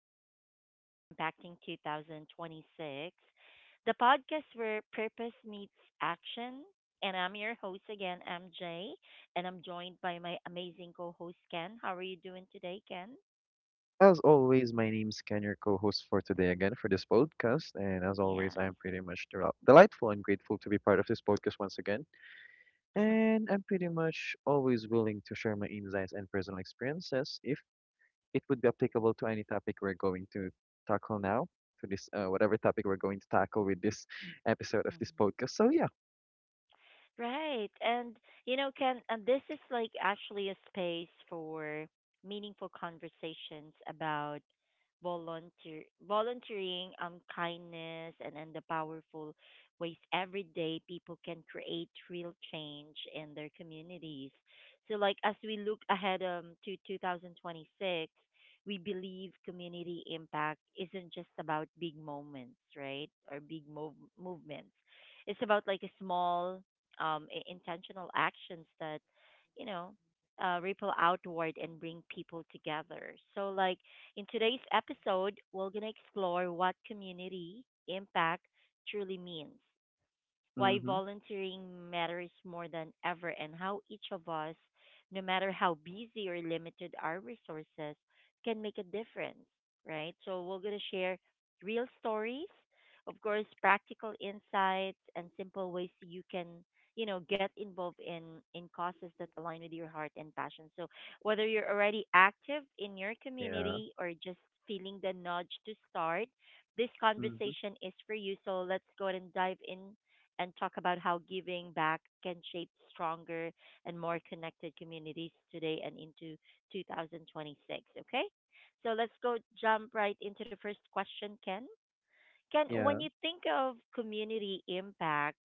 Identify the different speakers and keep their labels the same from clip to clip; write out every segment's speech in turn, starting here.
Speaker 1: to Community Impacting 2026, the podcast where purpose meets action. And I'm your host again, MJ, and I'm joined by my amazing co host, Ken. How are you doing today, Ken?
Speaker 2: As always, my name's Ken, your co-host for today again for this podcast. And as always,
Speaker 1: Yes.
Speaker 2: I'm pretty much delightful and grateful to be part of this podcast once again. And I'm pretty much always willing to share my insights and personal experiences if it would be applicable to any topic we're going to tackle now, to this whatever topic we're going to tackle with this episode of this podcast. So yeah.
Speaker 1: Right. And you know, can and this is like actually a space for meaningful conversations about volunteering, kindness and the powerful ways every day people can create real change in their communities. So like as we look ahead to 2026, we believe community impact isn't just about big moments, right? Or big movements. It's about like a small intentional actions that, you know, ripple outward and bring people together. So, like in today's episode, we're going to explore what community impact truly means, why
Speaker 2: Mm-hmm.
Speaker 1: volunteering matters more than ever, and how each of us, no matter how busy or limited our resources, can make a difference, right? So, we're going to share real stories, of course, practical insights, and simple ways you can. You know, get involved in causes that align with your heart and passion. So, whether you're already active in your
Speaker 2: Yeah.
Speaker 1: community or just feeling the nudge to start, this
Speaker 2: Mm-hmm.
Speaker 1: conversation is for you. So let's go ahead and dive in and talk about how giving back can shape stronger and more connected communities today and into 2026. Okay, so let's go jump right into the first question, Ken. Ken, when
Speaker 2: Yeah.
Speaker 1: you think of community impact,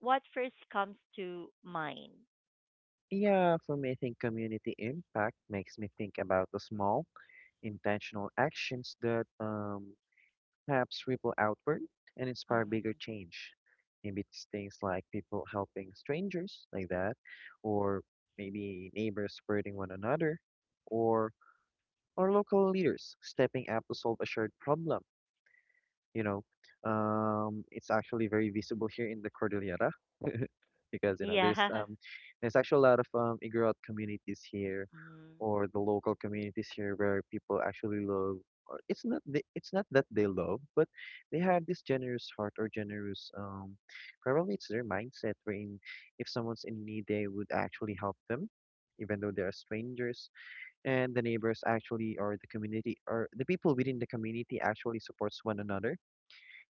Speaker 1: what first comes to mind?
Speaker 2: Yeah, for me, I think community impact makes me think about the small, intentional actions that perhaps ripple outward and inspire bigger
Speaker 1: Mm.
Speaker 2: change. Maybe it's things like people helping strangers, like that, or maybe neighbors supporting one another, or local leaders stepping up to solve a shared problem, you know, it's actually very visible here in the Cordillera because you know
Speaker 1: Yeah.
Speaker 2: there's actually a lot of Igorot communities here,
Speaker 1: Mm-hmm.
Speaker 2: or the local communities here where people actually love. Or it's not that they love, but they have this generous heart or generous probably it's their mindset. Wherein if someone's in need, they would actually help them, even though they are strangers. And the neighbors actually, or the community, or the people within the community actually supports one another,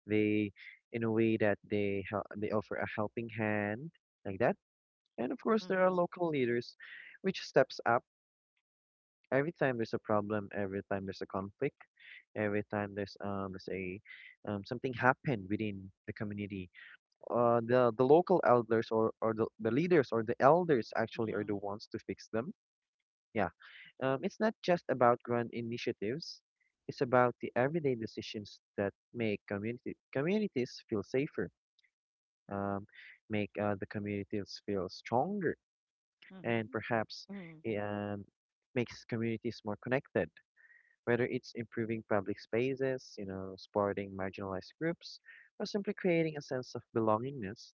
Speaker 2: they in a way that they help, they offer a helping hand like that. And of course there are local leaders which steps up every time there's a problem, every time there's a conflict, every time there's let's say something happened within the community, the local elders or the leaders or the elders actually are
Speaker 1: Mm-hmm.
Speaker 2: the ones to fix them. Yeah, it's not just about grand initiatives, it's about the everyday decisions that make community communities feel safer, um, make the communities feel stronger
Speaker 1: Mm-hmm.
Speaker 2: and perhaps
Speaker 1: Mm-hmm. Mm-hmm.
Speaker 2: it makes communities more connected, whether it's improving public spaces, you know, supporting marginalized groups, or simply creating a sense of belongingness.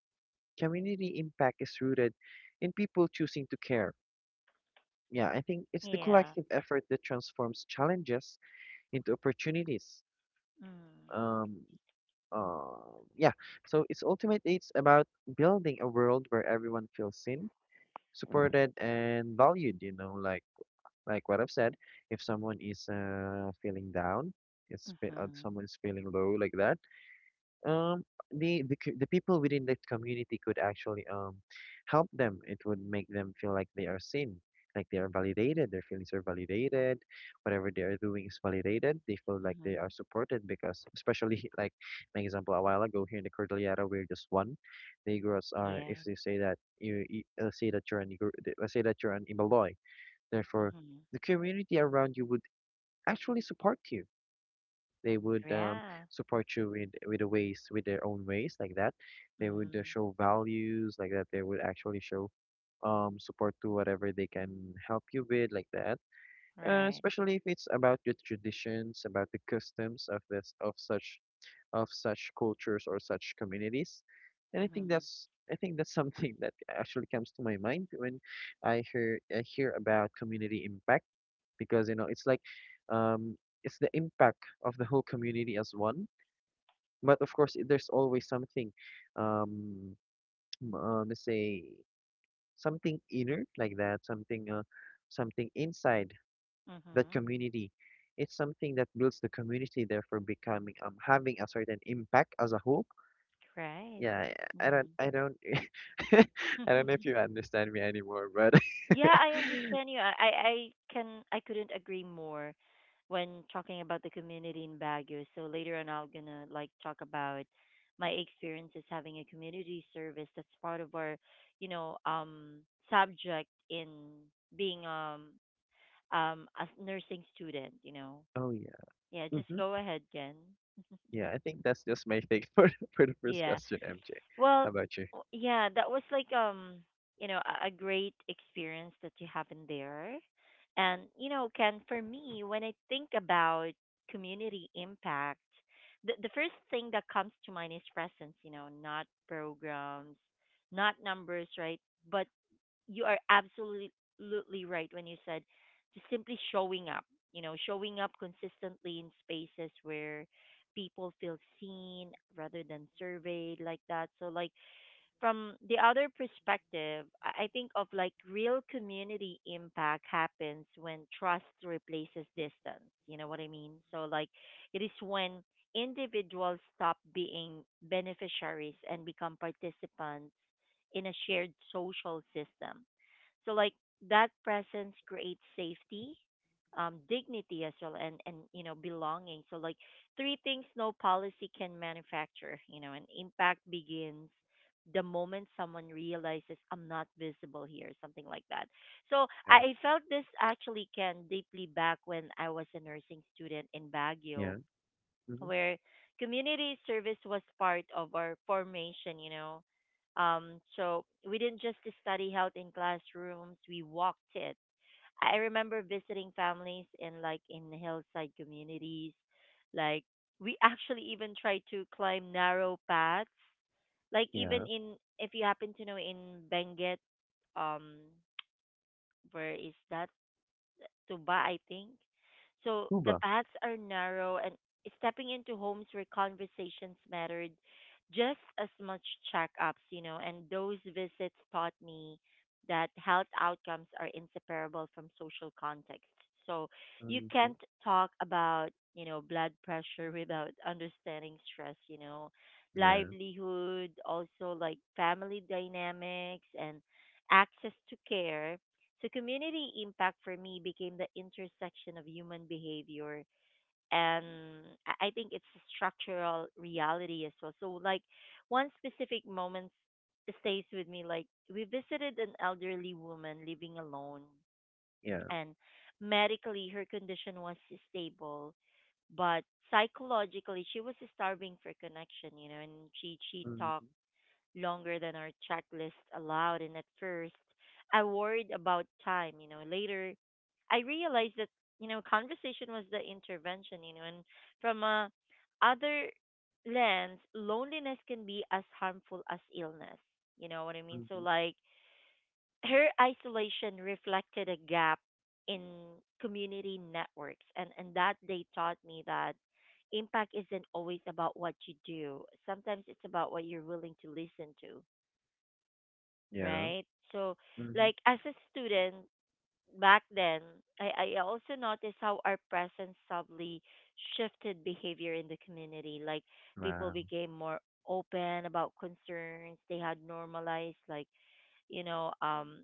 Speaker 2: Community impact is rooted in people choosing to care. Yeah, I think it's the
Speaker 1: Yeah.
Speaker 2: collective effort that transforms challenges into opportunities.
Speaker 1: Mm.
Speaker 2: Um, uh, yeah, so it's ultimately it's about building a world where everyone feels seen, supported and valued, you know, like what I've said, if someone is feeling down, if
Speaker 1: Mm-hmm.
Speaker 2: someone's feeling low like that, um the people within that community could actually help them. It would make them feel like they are seen, like they are validated, their feelings are validated, whatever they are doing is validated. They feel like they
Speaker 1: Mm-hmm.
Speaker 2: are supported because, especially like my example a while ago here in the Cordillera, we're just one. Negroes are
Speaker 1: Yeah.
Speaker 2: if they say that you let's say that you're an Negro, let's say that you're an Imbaloy, therefore
Speaker 1: Mm-hmm.
Speaker 2: the community around you would actually support you, they would
Speaker 1: Yeah.
Speaker 2: support you with the ways with their own ways like that. They would
Speaker 1: Mm-hmm.
Speaker 2: show values like that. They would actually show support to whatever they can help you with like that.
Speaker 1: Right.
Speaker 2: Especially if it's about your traditions, about the customs of this of such cultures or such communities. And
Speaker 1: Mhm.
Speaker 2: I think that's something that actually comes to my mind when I hear about community impact, because you know it's like um, it's the impact of the whole community as one. But of course, there's always something, um, let's say something inner like that, something something inside that
Speaker 1: Mhm.
Speaker 2: community. It's something that builds the community, therefore becoming having a certain impact as a whole.
Speaker 1: Right.
Speaker 2: Yeah, I I don't
Speaker 1: Mhm.
Speaker 2: I don't I don't know if you understand me anymore, but
Speaker 1: Yeah, I understand you. I can I couldn't agree more when talking about the community in Baguio. So later on, I'm gonna like talk about my experiences having a community service. That's part of our, you know, subject in being a nursing student. You know.
Speaker 2: oh yeah,
Speaker 1: Yeah. Just
Speaker 2: hmm
Speaker 1: go ahead, Jen.
Speaker 2: yeah. I think that's just my take for the first
Speaker 1: Yeah.
Speaker 2: question, MJ.
Speaker 1: Well,
Speaker 2: How about you?
Speaker 1: yeah, that was like you know, a great experience that you have in there. And you know, Ken, for me, when I think about community impact, the first thing that comes to mind is presence, you know, not programs, not numbers, right? But you are absolutely right when you said just simply showing up, you know, showing up consistently in spaces where people feel seen rather than surveyed like that. So, like, from the other perspective, I think of like real community impact happens when trust replaces distance. You know what I mean? So, like, it is when individuals stop being beneficiaries and become participants in a shared social system. So like that presence creates safety, dignity as well, and you know belonging. So like three things no policy can manufacture. You know, and impact begins the moment someone realizes I'm not visible here, something like that. So
Speaker 2: Yeah,
Speaker 1: I felt this actually can deeply back when I was a nursing student in
Speaker 2: yeah,
Speaker 1: Baguio
Speaker 2: mhm,
Speaker 1: where community service was part of our formation, you know. So we didn't just study health in classrooms, we walked it. I remember visiting families in in hillside communities. Like we actually even tried to climb narrow paths. Like even
Speaker 2: yeah.
Speaker 1: in, if you happen to know in Benguet, um where is that? Tuba, I think. So the
Speaker 2: Cuba.
Speaker 1: paths are narrow, and stepping into homes where conversations mattered just as much checkups, you know, and those visits taught me that health outcomes are inseparable from social context. So you
Speaker 2: Mhm,
Speaker 1: can't talk about, you know, blood pressure without understanding stress, you know,
Speaker 2: yeah,
Speaker 1: livelihood, also like family dynamics and access to care. So community impact for me became the intersection of human behavior and, I think it's a structural reality as well. So like one specific moment stays with me. Like we visited an elderly woman living alone,
Speaker 2: yeah.
Speaker 1: and medically her condition was stable, but psychologically she was starving for connection, you know. And she
Speaker 2: Mhm,
Speaker 1: talked longer than our checklist allowed. And at first, I worried about time. You know, later, I realized that you know conversation was the intervention. You know, and from a other lens, loneliness can be as harmful as illness. You know what I mean? So
Speaker 2: mhm,
Speaker 1: like her isolation reflected a gap in community networks, and that they taught me that impact isn't always about what you do. Sometimes it's about what you're willing to listen to,
Speaker 2: yeah.
Speaker 1: right? So,
Speaker 2: Mhm.
Speaker 1: like as a student back then, I also noticed how our presence subtly shifted behavior in the community. Like people
Speaker 2: Wow.
Speaker 1: became more open about concerns they had normalized, like you know, um,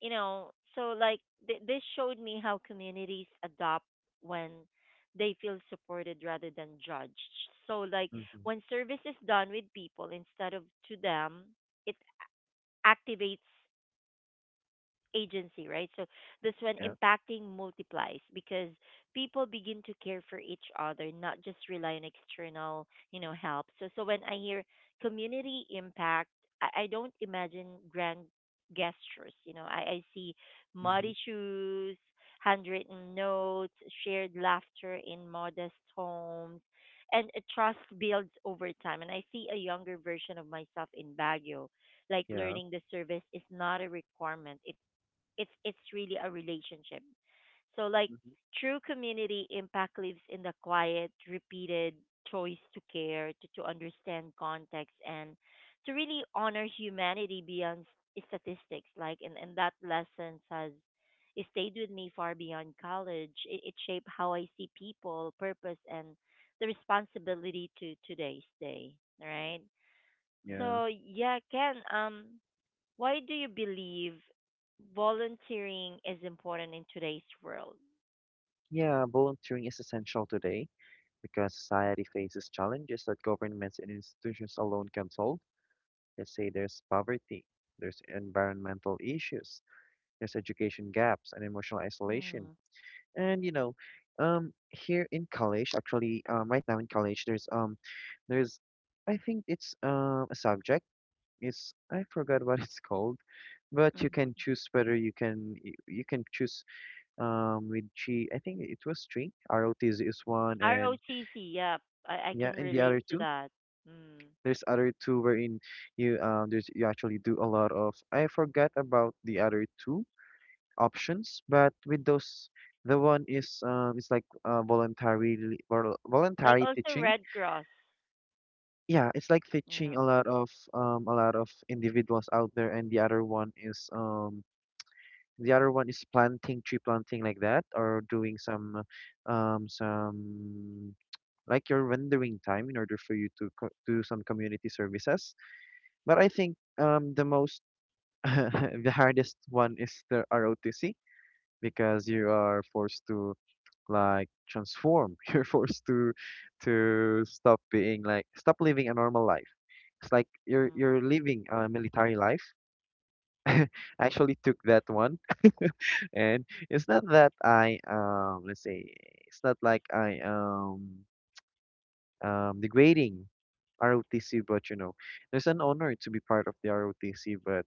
Speaker 1: So like this showed me how communities adopt when they feel supported rather than judged. So like
Speaker 2: Mhm,
Speaker 1: when service is done with people instead of to them, it activates agency, right? So this one
Speaker 2: yeah.
Speaker 1: impacting multiplies because people begin to care for each other, not just rely on external, you know, help. So so when I hear community impact, I don't imagine grand gestures. You know, I see
Speaker 2: Mhm,
Speaker 1: muddy shoes, handwritten notes, shared laughter in modest homes. And a trust builds over time. And I see a younger version of myself in Baguio like
Speaker 2: yeah.
Speaker 1: learning the service is not a requirement. It's really a relationship. So like
Speaker 2: Mhm,
Speaker 1: true community impact lives in the quiet, repeated choice to care, to understand context and to really honor humanity beyond statistics. Like and that lesson has it stayed with me far beyond college. It shaped how I see people, purpose and the responsibility to today's day. Right?
Speaker 2: yeah.
Speaker 1: So yeah, Ken, why do you believe volunteering is important in today's world?
Speaker 2: Yeah, volunteering is essential today because society faces challenges that governments and institutions alone can solve. Let's say there's poverty, there's environmental issues, there's education gaps and emotional isolation.
Speaker 1: Mm,
Speaker 2: And you know, here in college, actually, right now in college, There's, I think it's a subject. It's I forgot what it's called, but you
Speaker 1: mhm.
Speaker 2: can choose whether you can choose with three. I think it was three. ROTZ is one, and
Speaker 1: ROTC, yep, I
Speaker 2: yeah,
Speaker 1: can
Speaker 2: and the
Speaker 1: relate
Speaker 2: other
Speaker 1: to
Speaker 2: two.
Speaker 1: that. Mm.
Speaker 2: There's other two wherein you actually do a lot of. I forgot about the other two options, but with those, the one is it's like
Speaker 1: Like
Speaker 2: voluntary
Speaker 1: also
Speaker 2: teaching,
Speaker 1: Red Cross.
Speaker 2: yeah, it's like fetching
Speaker 1: Yeah.
Speaker 2: a lot of individuals out there, and the other one is planting, tree planting like that, or doing some like your rendering time in order for you to do some community services. But I think the most the hardest one is the ROTC because you are forced to like transform. You're forced to stop being, like, stop living a normal life, it's like you're
Speaker 1: Mhm.
Speaker 2: living a military life. I actually took that one, and it's not that I let's say it's not like I degrading ROTC, but you know, there's an honor to be part of the ROTC, but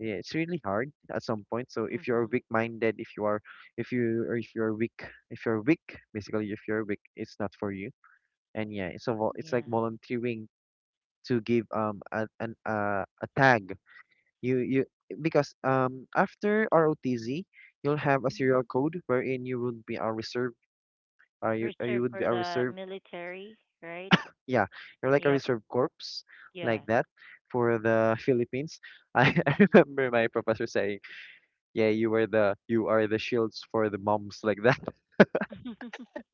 Speaker 2: yeah, it's really hard at some point. So if you're
Speaker 1: Mhm.
Speaker 2: weak-minded, if you're weak, basically if you're weak, it's not for you. And yeah, it's like
Speaker 1: Yeah.
Speaker 2: volunteering to give a tag. You because after ROTZ, you'll have a serial
Speaker 1: Mhm.
Speaker 2: code wherein you would be a reserve. You
Speaker 1: Reserved
Speaker 2: would be
Speaker 1: for
Speaker 2: a
Speaker 1: the
Speaker 2: reserve.
Speaker 1: military, right?
Speaker 2: Yeah, you're like a
Speaker 1: Yep.
Speaker 2: reserve corpse
Speaker 1: Yeah.
Speaker 2: like that, for the Philippines.
Speaker 1: Mhm.
Speaker 2: I remember my professor saying, "Yeah, you are the shields for the bombs, like that.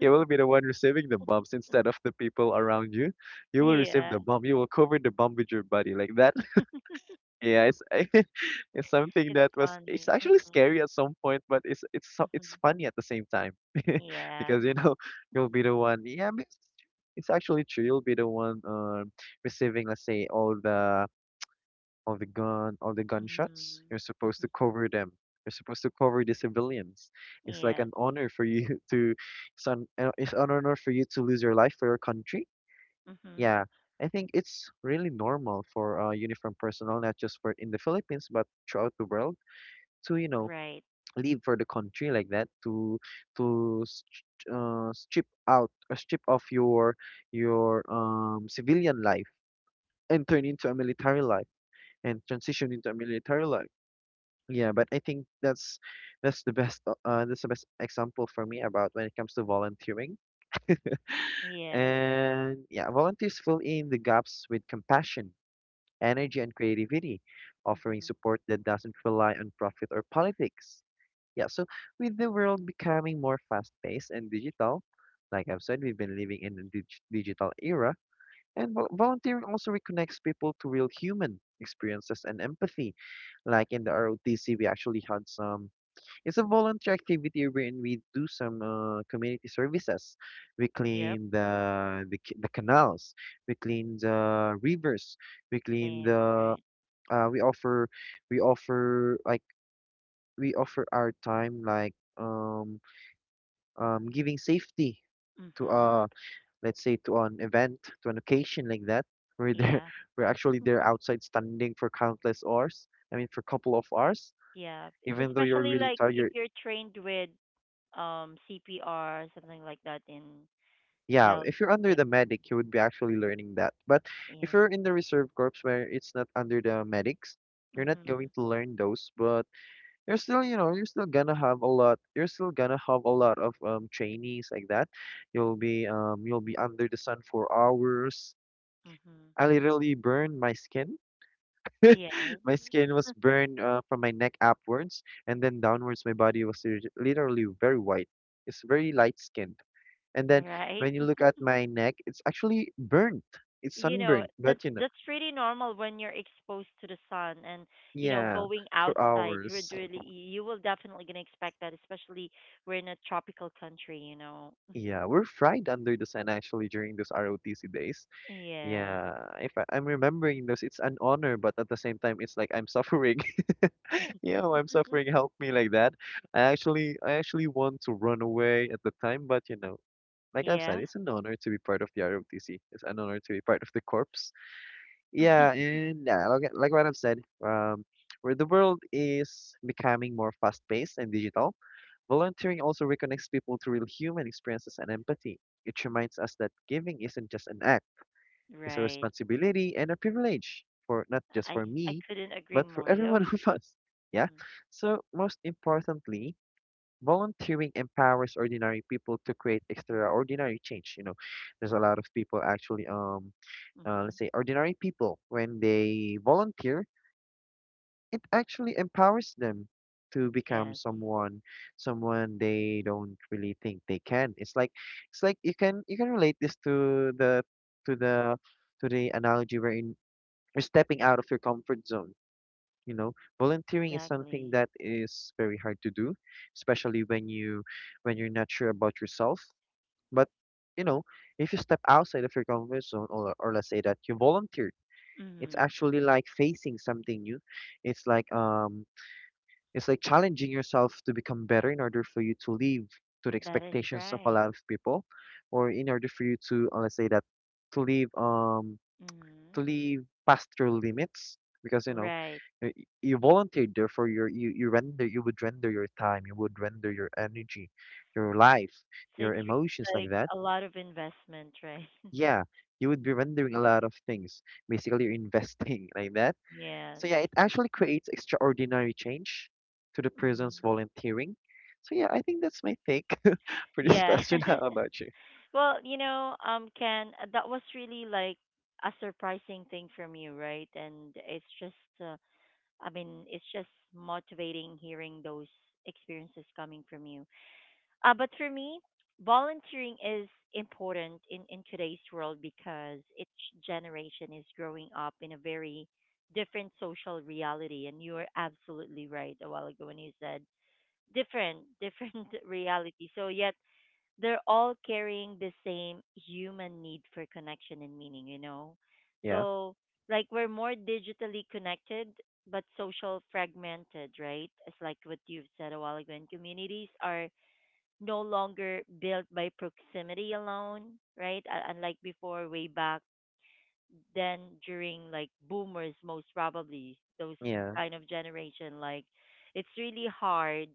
Speaker 2: You will be the one receiving the bombs instead of the people around you. You will receive
Speaker 1: Yeah.
Speaker 2: the bomb. You will cover the bomb with your body, like that." Yeah, it's
Speaker 1: It's
Speaker 2: it's
Speaker 1: funny.
Speaker 2: actually
Speaker 1: Mhm.
Speaker 2: scary at some point, but it's
Speaker 1: Mhm.
Speaker 2: funny at the same time
Speaker 1: Yeah.
Speaker 2: because you know you'll be the one. Yeah, I mean, it's actually true. You'll be the one receiving, let's say, all the gun all the gunshots.
Speaker 1: Mhm.
Speaker 2: You're supposed to
Speaker 1: Mhm.
Speaker 2: cover them. You're supposed to cover the civilians. It's like
Speaker 1: Yes.
Speaker 2: an honor for you to, it's an honor for you to lose your life for your country.
Speaker 1: Mhm.
Speaker 2: Yeah, I think it's really normal for uniform personnel, not just for in the Philippines, but throughout the world, to you know
Speaker 1: Right.
Speaker 2: leave for the country like that, to st strip out or strip off your civilian life and turn into a military life and transition into a military life. Yeah, but I think that's that's the best example for me about when it comes to volunteering.
Speaker 1: Yes.
Speaker 2: And yeah, volunteers fill in the gaps with compassion, energy, and creativity, offering
Speaker 1: Mhm.
Speaker 2: support that doesn't rely on profit or politics. Yeah, so with the world becoming more fast-paced and digital, like I've said, we've been living in a digital era, and volunteering also reconnects people to real human experiences and empathy. Like in the ROTC, we actually had some. It's a volunteer activity wherein we do some community services. We
Speaker 1: Yep.
Speaker 2: clean the, the canals, we clean the rivers, we clean
Speaker 1: Same.
Speaker 2: the
Speaker 1: Right.
Speaker 2: uh we offer we offer like we offer our time like um giving safety to
Speaker 1: Mhm.
Speaker 2: let's say to an event, to an occasion like that. We're there
Speaker 1: Yeah.
Speaker 2: we're actually there outside standing for countless hours, I mean for a couple of hours,
Speaker 1: Yeah. It's
Speaker 2: even though you're
Speaker 1: especially
Speaker 2: really
Speaker 1: like
Speaker 2: tired.
Speaker 1: if
Speaker 2: You're
Speaker 1: you're trained with CPR something like that in
Speaker 2: Yeah,
Speaker 1: health.
Speaker 2: if you're under
Speaker 1: Yep.
Speaker 2: the medic you would be actually learning that, but if
Speaker 1: Yes.
Speaker 2: you're in the reserve corps where it's not under the medics, you're not going
Speaker 1: Mhm.
Speaker 2: to learn those, but you're still you know you're still gonna have a lot you're still gonna have a lot of trainees like that. You'll be under the sun for hours.
Speaker 1: Mhm.
Speaker 2: I literally burned my skin,
Speaker 1: Yes.
Speaker 2: my skin was burned from my neck upwards, and then downwards my body was literally very white, it's very light skinned, and then
Speaker 1: Right.
Speaker 2: when you look at my neck it's actually burnt, it's
Speaker 1: You know
Speaker 2: sunburned, but you know,
Speaker 1: that's pretty normal when you're exposed to the sun, and you know
Speaker 2: yeah,
Speaker 1: going
Speaker 2: for
Speaker 1: outside would
Speaker 2: hours,
Speaker 1: really, you will definitely gonna expect that, especially we're in a tropical country, you know.
Speaker 2: yeah, we're fried under the sun actually during those ROTC days.
Speaker 1: Yeah.
Speaker 2: Yeah, if I'm remembering those, it's an honor, but at the same time, it's like I'm suffering.
Speaker 1: Mm-hmm.
Speaker 2: Yeah, I'm suffering. Help me like that. I actually want to run away at the time, like I've
Speaker 1: Yeah.
Speaker 2: said, it's an honor to be part of the ROTC. It's an honor to be part of the corps. Yeah, and yeah, like what I've said, um, where the world is becoming more fast-paced and digital, volunteering also reconnects people to real human experiences and empathy. It reminds us that giving isn't just an act, is a
Speaker 1: Right.
Speaker 2: responsibility and a privilege for not just
Speaker 1: I,
Speaker 2: for
Speaker 1: I
Speaker 2: me,
Speaker 1: couldn't agree
Speaker 2: but for
Speaker 1: more.
Speaker 2: every
Speaker 1: Yep.
Speaker 2: one of us. Yeah.
Speaker 1: Mm-hmm.
Speaker 2: So most importantly, volunteering empowers ordinary people to create extraordinary change. There's a lot of people actually,
Speaker 1: Mm-hmm.
Speaker 2: let's say ordinary people when they volunteer, it actually empowers them to become
Speaker 1: Yes,
Speaker 2: someone, someone they don't really think they can. It's like, it's like you can, you can relate this to the, to the to the analogy wherein you're stepping out of your comfort zone. You know, Volunteering is something
Speaker 1: exactly.
Speaker 2: that is very hard to do, especially when you, when you're not sure about yourself. But you know, if you step outside of your comfort zone, or let's say that you volunteer, it's
Speaker 1: Mm-hmm.
Speaker 2: actually like facing something new. It's like um, it's like challenging yourself to become better in order for you to live to the
Speaker 1: That is
Speaker 2: expectations of a
Speaker 1: right.
Speaker 2: lot of people, or in order for you to let's say that to live
Speaker 1: Mm-hmm.
Speaker 2: actually pass through limits because
Speaker 1: Right.
Speaker 2: you volunteered there for your, you render, you would render your time, you would render your energy, your life,
Speaker 1: So
Speaker 2: your
Speaker 1: it's
Speaker 2: emotions
Speaker 1: really
Speaker 2: like
Speaker 1: like
Speaker 2: that.
Speaker 1: a lot of investment, right?
Speaker 2: Yeah, you would be rendering a lot of things. Basically, you're investing like that.
Speaker 1: Yes.
Speaker 2: So yeah, it actually creates extraordinary change to the
Speaker 1: Mm-hmm.
Speaker 2: person's volunteering. So yeah, I think that's my take for this
Speaker 1: Yeah.
Speaker 2: question. How about you?
Speaker 1: Well, you know, Ken, that was really like a surprising thing from you, right? And it's just uh, I mean, it's just motivating hearing those experiences coming from you. But for me, volunteering is important in today's world because each generation is growing up in a very different social reality. And you are absolutely right a while ago when you said different reality. So, yet they're all carrying the same human need for connection and meaning, you know?
Speaker 2: Yeah,
Speaker 1: So, like, we're more digitally connected, but social fragmented, right? It's like what you've said a while ago. And communities are no longer built by proximity alone, right? Unlike before, way back than during like boomers, most probably those
Speaker 2: yeah,
Speaker 1: kind of generation. Like it's really hard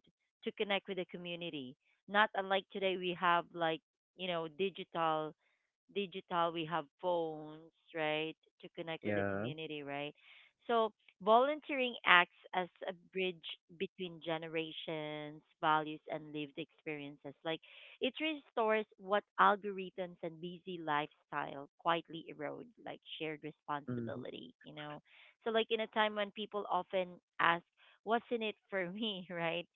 Speaker 1: to connect with the community, not unlike today. We have like, you know, digital, we have phones, right, to connect with the
Speaker 2: yeah,
Speaker 1: community, right? So volunteering acts as a bridge between generations, values, and lived experiences. Like it restores what algorithms and busy lifestyle quietly erode, like shared
Speaker 2: mm-hmm,
Speaker 1: responsibility, you know? So, like in a time when people often ask, what's in it for me, right?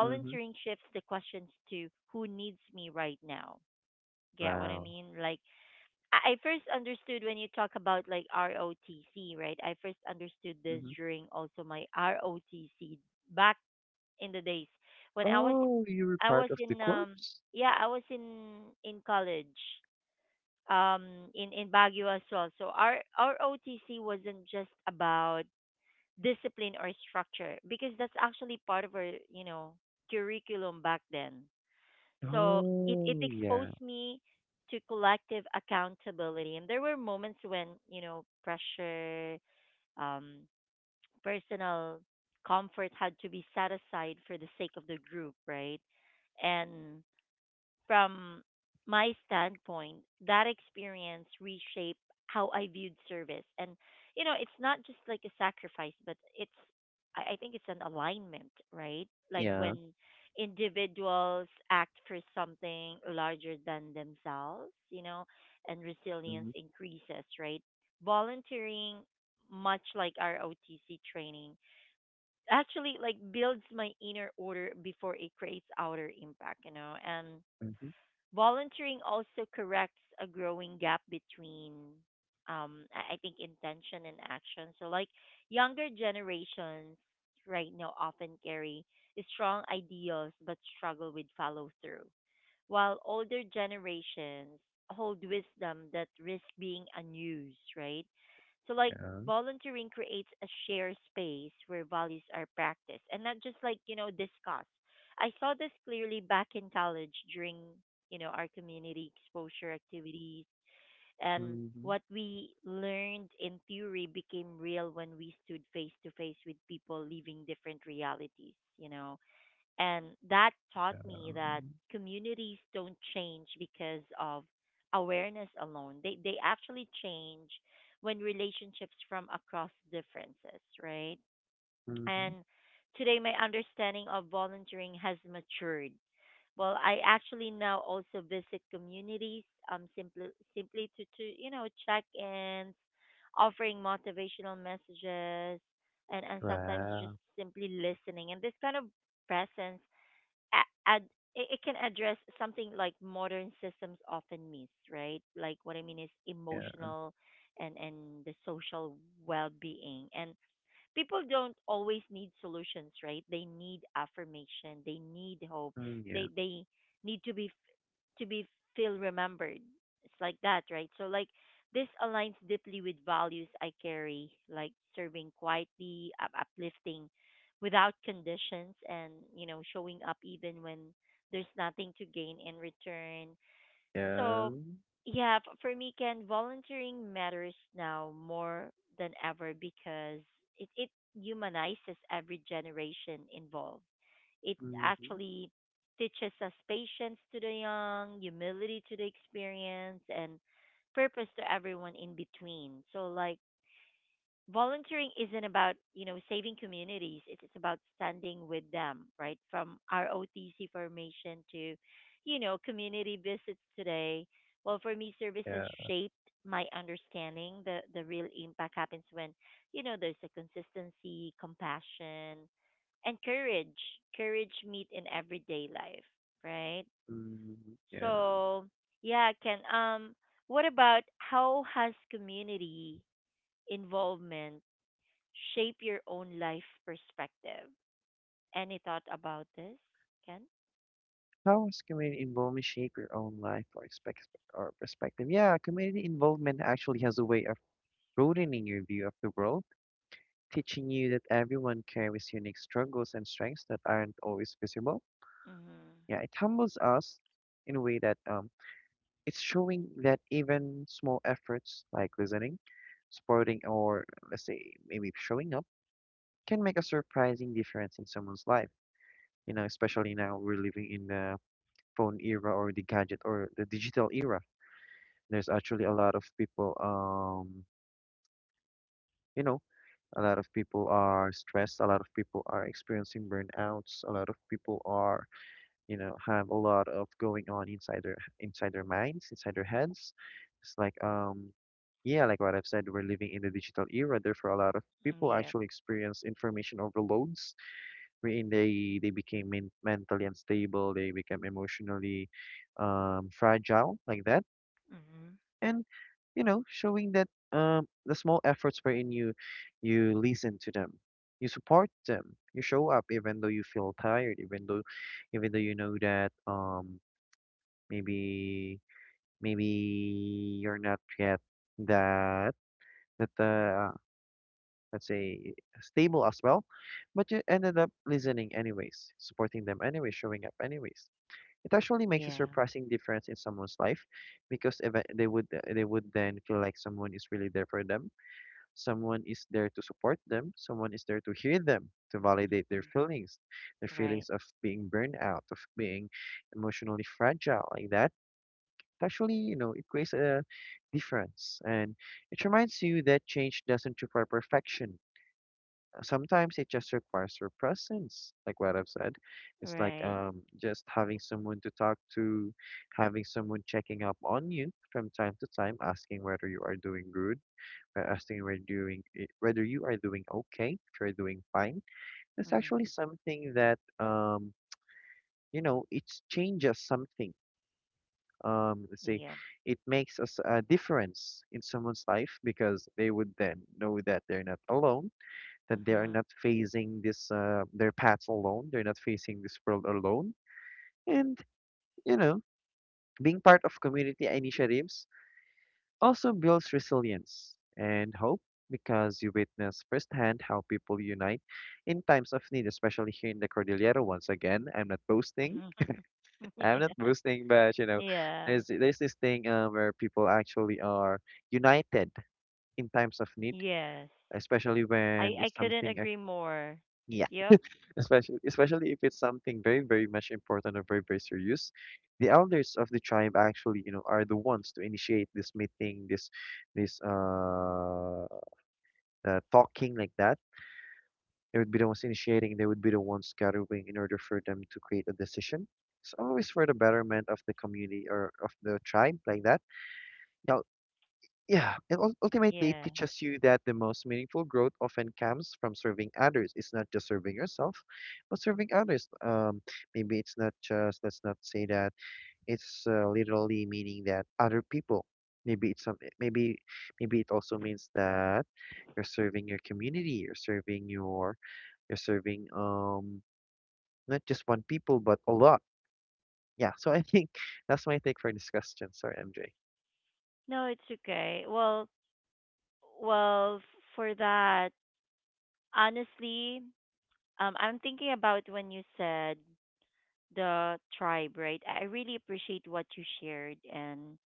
Speaker 2: mm-hmm.
Speaker 1: shifts the questions to who needs me right now. Get what I
Speaker 2: Wow.
Speaker 1: mean? Like, I first understood when you talk about like ROTC, right? I first understood this during also my ROTC back in the days when I was
Speaker 2: Oh, you were
Speaker 1: I
Speaker 2: part
Speaker 1: was
Speaker 2: of the
Speaker 1: in,
Speaker 2: corpse?
Speaker 1: yeah, I was in college in Baguio as well. So our ROTC wasn't just about discipline or structure because that's actually part of our, you know, curriculum back then. So it
Speaker 2: Oh, yeah,
Speaker 1: exposed me to collective accountability. And there were moments when, you know, pressure, um, personal comfort had to be set aside for the sake of the group, right? And from my standpoint, that experience reshaped how I viewed service. And, you know, it's not just like a sacrifice, but it's, I think it's an alignment, right? Like
Speaker 2: yeah.
Speaker 1: when individuals act for something larger than themselves, you know, and resilience
Speaker 2: Mm-hmm,
Speaker 1: increases, right? Volunteering, much like our OTC training, actually like builds my inner order before it creates outer impact, you know. And
Speaker 2: mm-hmm,
Speaker 1: volunteering also corrects a growing gap between, I think, intention and action. So, younger generations right now often carry strong ideals but struggle with follow through, while older generations hold wisdom that risk being unused, right? So, like,
Speaker 2: yeah.
Speaker 1: Volunteering creates a shared space where values are practiced and not just discussed. I saw this clearly back in college during, our community exposure activities, and
Speaker 2: Mm-hmm.
Speaker 1: what we learned in theory became real when we stood face to face with people living different realities, and that taught me that
Speaker 2: Um,
Speaker 1: communities don't change because of awareness alone. They actually change when relationships from across differences, right?
Speaker 2: mm-hmm.
Speaker 1: And today my understanding of volunteering has matured. Well, I actually now also visit communities um simply simply to check ins, offering motivational messages, and sometimes just
Speaker 2: Wow.
Speaker 1: simply listening. And this kind of presence a- ad- it can address something like modern systems often miss, right? Like what I mean is
Speaker 2: Yeah.
Speaker 1: emotional and the social well-being. And people don't always need solutions, right? They need affirmation, they need hope.
Speaker 2: Mm, yeah.
Speaker 1: They need to be, feel remembered. It's like that, right? So, this aligns deeply with values I carry, like serving quietly, uplifting without conditions, and, showing up even when there's nothing to gain in return.
Speaker 2: Yeah.
Speaker 1: So, yeah, for me, Ken, volunteering matters now more than ever because it humanizes every generation involved. It
Speaker 2: Mm-hmm.
Speaker 1: actually teaches us patience to the young, humility to the experience, and purpose to everyone in between. So, volunteering isn't about saving communities. It's about standing with them, right? From our ROTC formation to community visits today, well, for me, service has
Speaker 2: Yeah.
Speaker 1: shaped my understanding. The real impact happens when there's a consistency, compassion, and courage meet in everyday life, right?
Speaker 2: Mm-hmm. Yeah.
Speaker 1: So yeah, Ken, what about how has community involvement shape your own life perspective? Any thought about this, Ken?
Speaker 2: How has community involvement shaped your own life or expect or perspective? Yeah, community involvement actually has a way of broadening your view of the world, teaching you that everyone carries unique struggles and strengths that aren't always visible.
Speaker 1: Mm-hmm.
Speaker 2: Yeah, it humbles us in a way that, it's showing that even small efforts like listening, supporting, or let's say maybe showing up can make a surprising difference in someone's life. You know, especially now we're living in the phone era, or the gadget, or the digital era. There's actually a lot of people, you know, a lot of people are stressed, a lot of people are experiencing burnouts, a lot of people are, have a lot of going on inside their, minds, inside their heads. It's like yeah, like what I've said, we're living in the digital era, therefore a lot of people
Speaker 1: Yeah.
Speaker 2: actually experience information overloads wherein they became mentally unstable, they become emotionally fragile like that.
Speaker 1: Mm-hmm.
Speaker 2: And you know, showing that, the small efforts wherein you, listen to them, you support them, you show up even though you feel tired, even though you know that, maybe, maybe you're not yet, that that uh,
Speaker 1: Mm-hmm.
Speaker 2: let's say stable as well, but you ended up listening anyways, supporting them anyway, showing up anyways. It actually makes a
Speaker 1: Yeah.
Speaker 2: surprising difference in someone's life because they would, then feel like someone is really there for them, someone is there to support them, someone is there to hear them, to validate
Speaker 1: Mm-hmm.
Speaker 2: their
Speaker 1: Right.
Speaker 2: feelings of being burned out, of being emotionally fragile like that. Actually, you know, it creates a difference. And it reminds you that change doesn't require perfection. Sometimes it just requires your presence, like what I've said. It's like,
Speaker 1: Right.
Speaker 2: just having someone to talk to, having someone checking up on you from time to time, asking whether you are doing good, asking whether whether you are doing okay, if you're doing fine. That's
Speaker 1: Mm-hmm.
Speaker 2: actually something that, you know, it changes something, let's say,
Speaker 1: Yep.
Speaker 2: it makes us a difference in someone's life because they would then know that they're not alone, that they are
Speaker 1: Mm-hmm.
Speaker 2: not facing this their paths alone, they're not facing this world alone, and you know, being part of community initiatives also builds resilience and hope because you witness firsthand how people unite in times of need, especially here in the Cordillera. Once again, I'm not boasting,
Speaker 1: Mm-hmm.
Speaker 2: I'm not
Speaker 1: yeah.
Speaker 2: boosting, but you know,
Speaker 1: Yeah.
Speaker 2: there's this thing where people actually are united in times of need,
Speaker 1: Yes.
Speaker 2: especially when
Speaker 1: I
Speaker 2: it's
Speaker 1: couldn't
Speaker 2: something
Speaker 1: agree more.
Speaker 2: yeah,
Speaker 1: Yep.
Speaker 2: especially if it's something very, very much important or very, very serious. The elders of the tribe actually, you know, are the ones to initiate this meeting, this talking like that. They would be the ones initiating. They would be the ones gathering in order for them to create a decision. It's always for the betterment of the community or of the tribe like that. Yeah, and ultimately it
Speaker 1: Yeah.
Speaker 2: teaches you that the most meaningful growth often comes from serving others. It's not just serving yourself, but serving others. Maybe it's not just, let's not say that, it's literally meaning that other people. Maybe it's some, maybe, it also means that you're serving your community, you're serving your, you're serving not just one people but a lot. Yeah, so I think that's my take for this question. Sorry, MJ.
Speaker 1: No, it's okay. Well, well, f- for that, honestly, I'm thinking about when you said the tribe, right? I really appreciate what you shared, and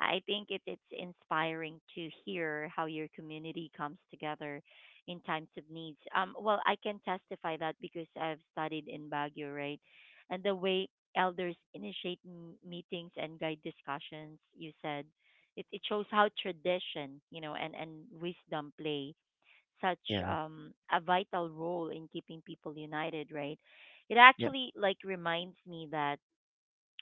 Speaker 1: I think it's inspiring to hear how your community comes together in times of needs. Well, I can testify that because I've studied in Baguio, right? And the way elders initiate meetings and guide discussions, you said, it shows how tradition, and, wisdom play such
Speaker 2: Yeah,
Speaker 1: a vital role in keeping people united, right? It
Speaker 2: yeah,
Speaker 1: actually like reminds me that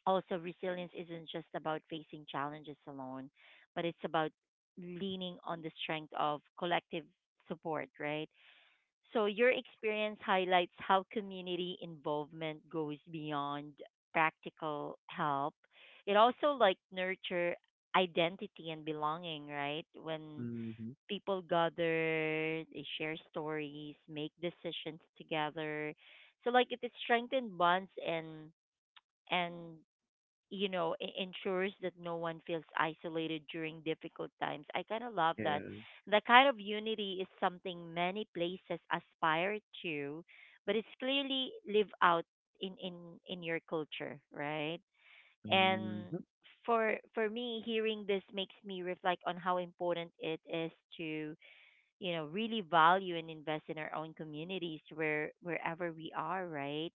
Speaker 1: also resilience isn't just about facing challenges alone, but it's about leaning on the strength of collective support, right? So your experience highlights how community involvement goes beyond practical help. It also like nurture identity and belonging, right? When
Speaker 2: mm-hmm.
Speaker 1: people gather, they share stories, make decisions together. So like it is strengthened bonds and and ensures that no one feels isolated during difficult times. I kind of love
Speaker 2: Yeah.
Speaker 1: that. The kind of unity is something many places aspire to, but it's clearly live out in in in your culture, right? And
Speaker 2: Mm.
Speaker 1: for me, hearing this makes me reflect on how important it is to really value and invest in our own communities, where wherever we are, right?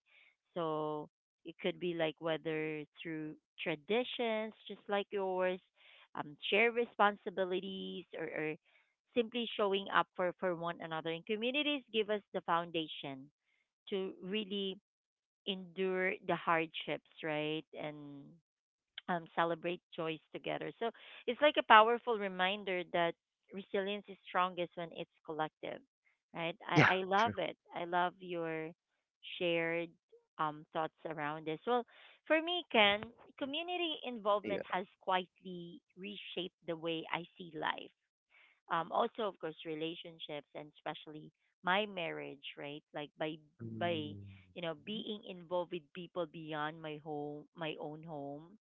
Speaker 1: So it could be like whether through traditions just like yours, share responsibilities, or, simply showing up for one another, and communities give us the foundation to really endure the hardships, right? And celebrate joys together. So it's like a powerful reminder that resilience is strongest when it's collective, right?
Speaker 2: Yeah,
Speaker 1: I
Speaker 2: true.
Speaker 1: love it. I love your shared thoughts around this. Well, for me, Ken, community involvement
Speaker 2: Yeah.
Speaker 1: has quietly reshaped the way I see life. Also, of course, relationships, and especially my marriage, right? Like by
Speaker 2: Mhm.
Speaker 1: being involved with people beyond my home, my own home,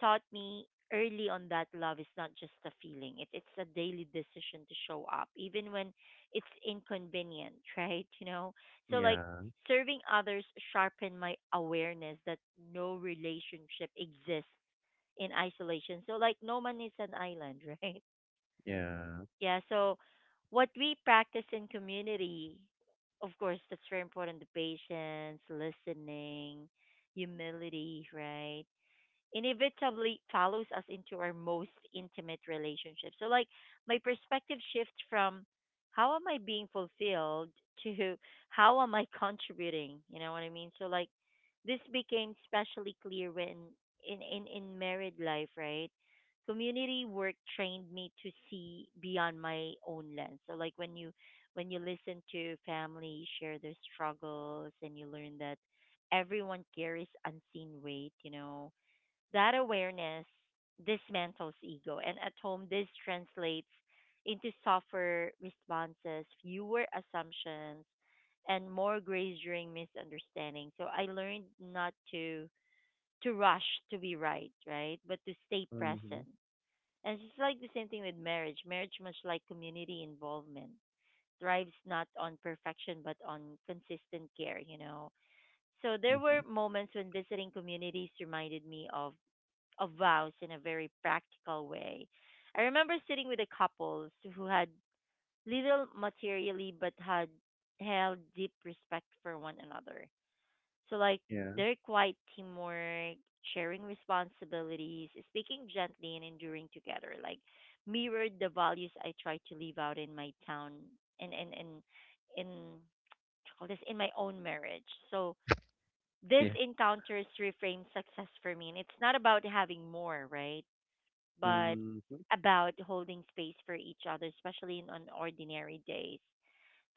Speaker 1: taught me early on that love is not just a feeling. It's a daily decision to show up even when it's inconvenient, right, you know? So like
Speaker 2: Yeah,
Speaker 1: serving others sharpened my awareness that no relationship exists in isolation, so like no man is an island. Right?
Speaker 2: yeah.
Speaker 1: Yeah. So what we practice in community, of course that's very important, the patience, listening, humility, right, inevitably follows us into our most intimate relationships. So, my perspective shifts from how am I being fulfilled to how am I contributing? You know what I mean? So, this became especially clear when in married life, right? Community work trained me to see beyond my own lens. So, like, when you listen to family share their struggles and you learn that everyone carries unseen weight, you know, that awareness dismantles ego, and at home, this translates into softer responses, fewer assumptions, and more grace during misunderstanding. So I learned not to rush to be right, right, but to stay
Speaker 2: Mhm,
Speaker 1: present. And it's like the same thing with marriage. Marriage, much like community involvement, thrives not on perfection but on consistent care. You know. So there were
Speaker 2: mhm.
Speaker 1: moments when visiting communities reminded me of vows in a very practical way. I remember sitting with a couples who had little materially but had held deep respect for one another. So like
Speaker 2: Yeah,
Speaker 1: their quiet teamwork, sharing responsibilities, speaking gently, and enduring together, like mirrored the values I try to live out in my town and in call this in my own marriage. So this
Speaker 2: yeah.
Speaker 1: encounters reframe success for me, and it's not about having more, right? But
Speaker 2: Mhm.
Speaker 1: about holding space for each other, especially in on ordinary days.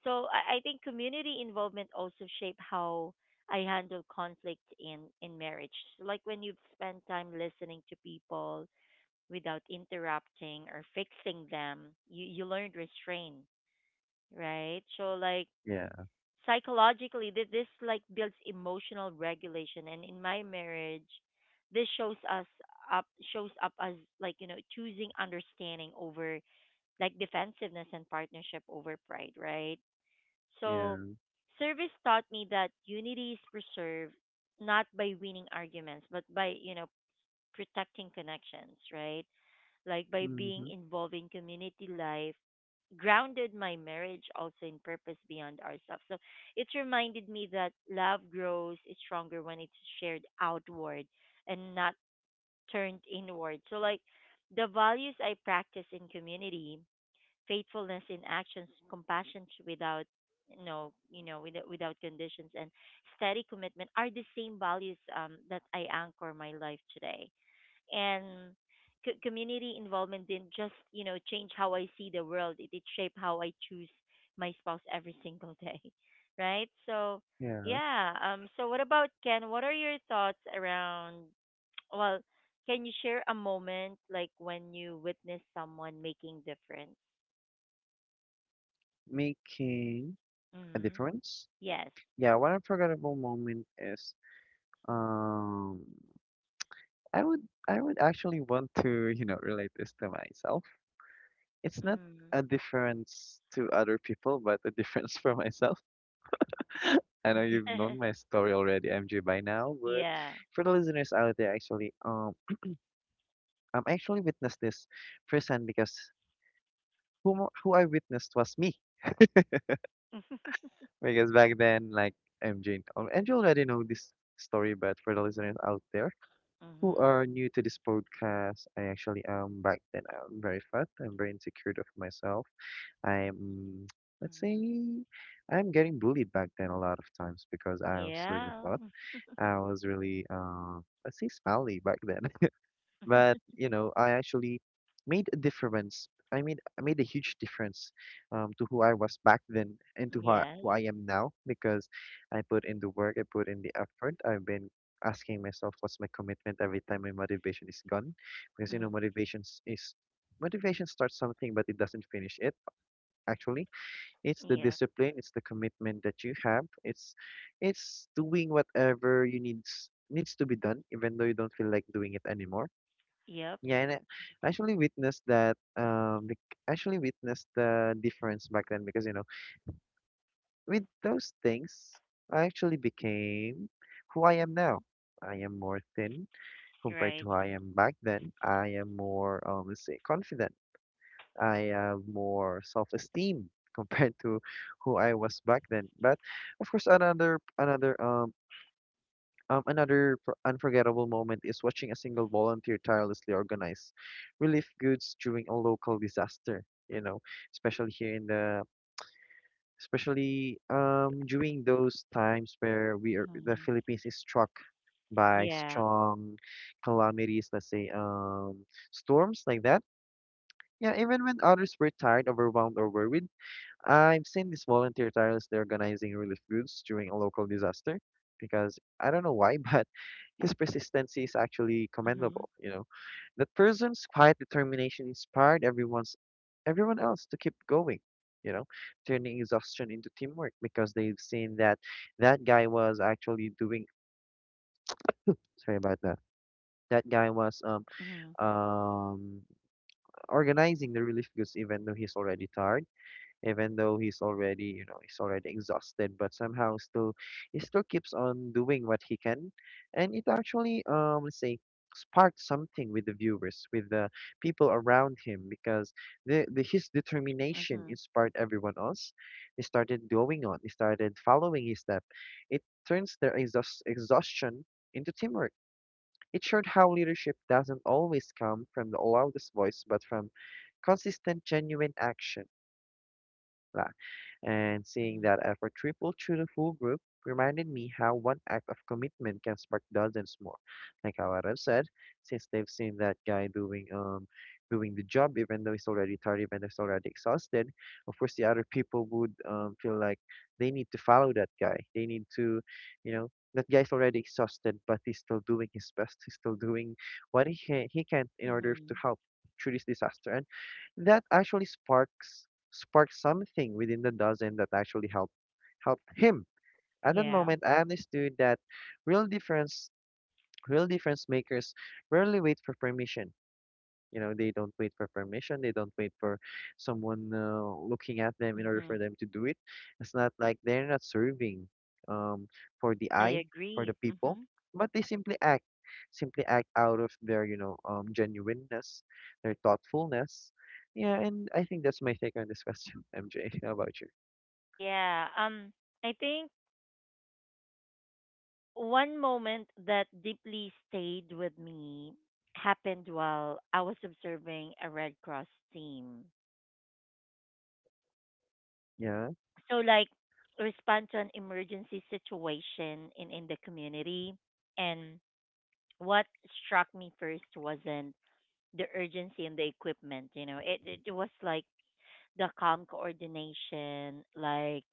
Speaker 1: So I think community involvement also shape how I handle conflict in marriage. So like when you've spent time listening to people without interrupting or fixing them, you learn restraint, right? So like
Speaker 2: Yeah.
Speaker 1: psychologically this like builds emotional regulation, and in my marriage this up shows up as like you know choosing understanding over like defensiveness and partnership over pride, right? So
Speaker 2: yeah.
Speaker 1: service taught me that unity is preserved not by winning arguments but by you know protecting connections, right? Like by being
Speaker 2: Mhm.
Speaker 1: involved in community life grounded my marriage also in purpose beyond ourselves. So it reminded me that love grows is stronger when it's shared outward and not turned inward. So like the values I practice in community, faithfulness in actions, compassion without without conditions, and steady commitment are the same values that I anchor my life today. And community involvement didn't just you know change how I see the world. It did shape how I choose my spouse every single day. Right? So
Speaker 2: Yeah.
Speaker 1: yeah, um, so what about Ken, what are your thoughts around, well, can you share a moment like when you witness someone making difference?
Speaker 2: Making a
Speaker 1: Mm-hmm.
Speaker 2: difference.
Speaker 1: Yes.
Speaker 2: Yeah, one unforgettable moment is, um I would, actually want to, you know, relate this to myself. It's not
Speaker 1: Mm-hmm.
Speaker 2: a difference to other people, but a difference for myself. I know you've known my story already, MJ, by now, but
Speaker 1: Yeah.
Speaker 2: for the listeners out there, actually, I'm actually witnessed this firsthand because who I witnessed was me. Because back then, like MJ, MJ already know this story, but for the listeners out there who
Speaker 1: Mm-hmm.
Speaker 2: are new to this podcast, I actually back then I'm very fat, I'm very insecure of myself. I'm let's say
Speaker 1: Mm-hmm.
Speaker 2: I'm getting bullied back then a lot of times because I was really
Speaker 1: Yeah.
Speaker 2: fat. I was really, let's say, smelly back then. But you know, I actually made a difference. I made a huge difference, to who I was back then and to
Speaker 1: Yes.
Speaker 2: who I am now because I put in the work, I put in the effort. I've been asking myself, what's my commitment every time my motivation is gone? Because you know,
Speaker 1: Mm-hmm.
Speaker 2: motivation starts something, but it doesn't finish it actually. It's the
Speaker 1: Yeah.
Speaker 2: discipline, it's the commitment that you have. It's doing whatever you needs to be done, even though you don't feel like doing it anymore.
Speaker 1: Yep.
Speaker 2: Yeah, and I actually witnessed that. Actually witnessed the difference back then because you know with those things, I actually became who I am now.
Speaker 1: Mhm.
Speaker 2: I am more thin compared
Speaker 1: Right.
Speaker 2: to how I am back then. I am more, let's say, confident, I have more self-esteem compared to who I was back then. But of course, another another unforgettable moment is watching a single volunteer tirelessly organize relief goods during a local disaster. You know, especially here in the, especially during those times where we are, the
Speaker 1: Mhm.
Speaker 2: Philippines is struck by
Speaker 1: Yeah.
Speaker 2: strong calamities, let's say storms like that. Yeah, even when others were tired, overwhelmed, or worried, I've seen this volunteer tirelessly organizing relief goods during a local disaster because I don't know why, but his persistence is actually
Speaker 1: Mhm.
Speaker 2: commendable, you know. That person's quiet determination inspired everyone else to keep going, you know, turning exhaustion into teamwork because they've seen that that guy was actually doing, sorry about that. That guy was
Speaker 1: Mhm.
Speaker 2: um organizing the relief goods even though he's already tired, even though he's already, you know, he's already exhausted, but somehow still he still keeps on doing what he can. And it actually, let's say, sparked something with the viewers, with the people around him because the his determination
Speaker 1: Mhm.
Speaker 2: inspired everyone else. They started going on, they started following his step. It turns their exhaustion into teamwork. It showed how leadership doesn't always come from the loudest voice but from consistent, genuine action. La. And seeing
Speaker 1: Mhm.
Speaker 2: that effort tripled through the full group reminded me how one act of commitment can spark dozens more. Like how I've said, since they've seen that guy doing the job even though he's already tired, even though he's already exhausted, of course the other people would feel like they need to follow that guy. They need to, you know, that guy's already exhausted, but he's still doing his best. He's still doing what he can in order to
Speaker 1: Mhm.
Speaker 2: help through this disaster. And that actually sparks sparked something within the dozen that actually help him. At that
Speaker 1: Yeah.
Speaker 2: moment, I understood that real difference real difference makers rarely wait for permission. You know, they don't wait for permission. They don't wait for someone looking at them in order for
Speaker 1: Mhm.
Speaker 2: them to do it. It's not like they're not serving um, for the
Speaker 1: I
Speaker 2: eye, for the
Speaker 1: agree.
Speaker 2: people,
Speaker 1: Mhm.
Speaker 2: but they simply act out of their, genuineness, their thoughtfulness. Yeah, and I think that's my take on this question, MJ. How about you?
Speaker 1: Yeah. I think one moment that deeply stayed with me happened while I was observing a Red Cross team.
Speaker 2: Yeah.
Speaker 1: So like respond to an emergency situation in the community. And what struck me first wasn't the urgency and the equipment. You know, it was like the calm coordination. Like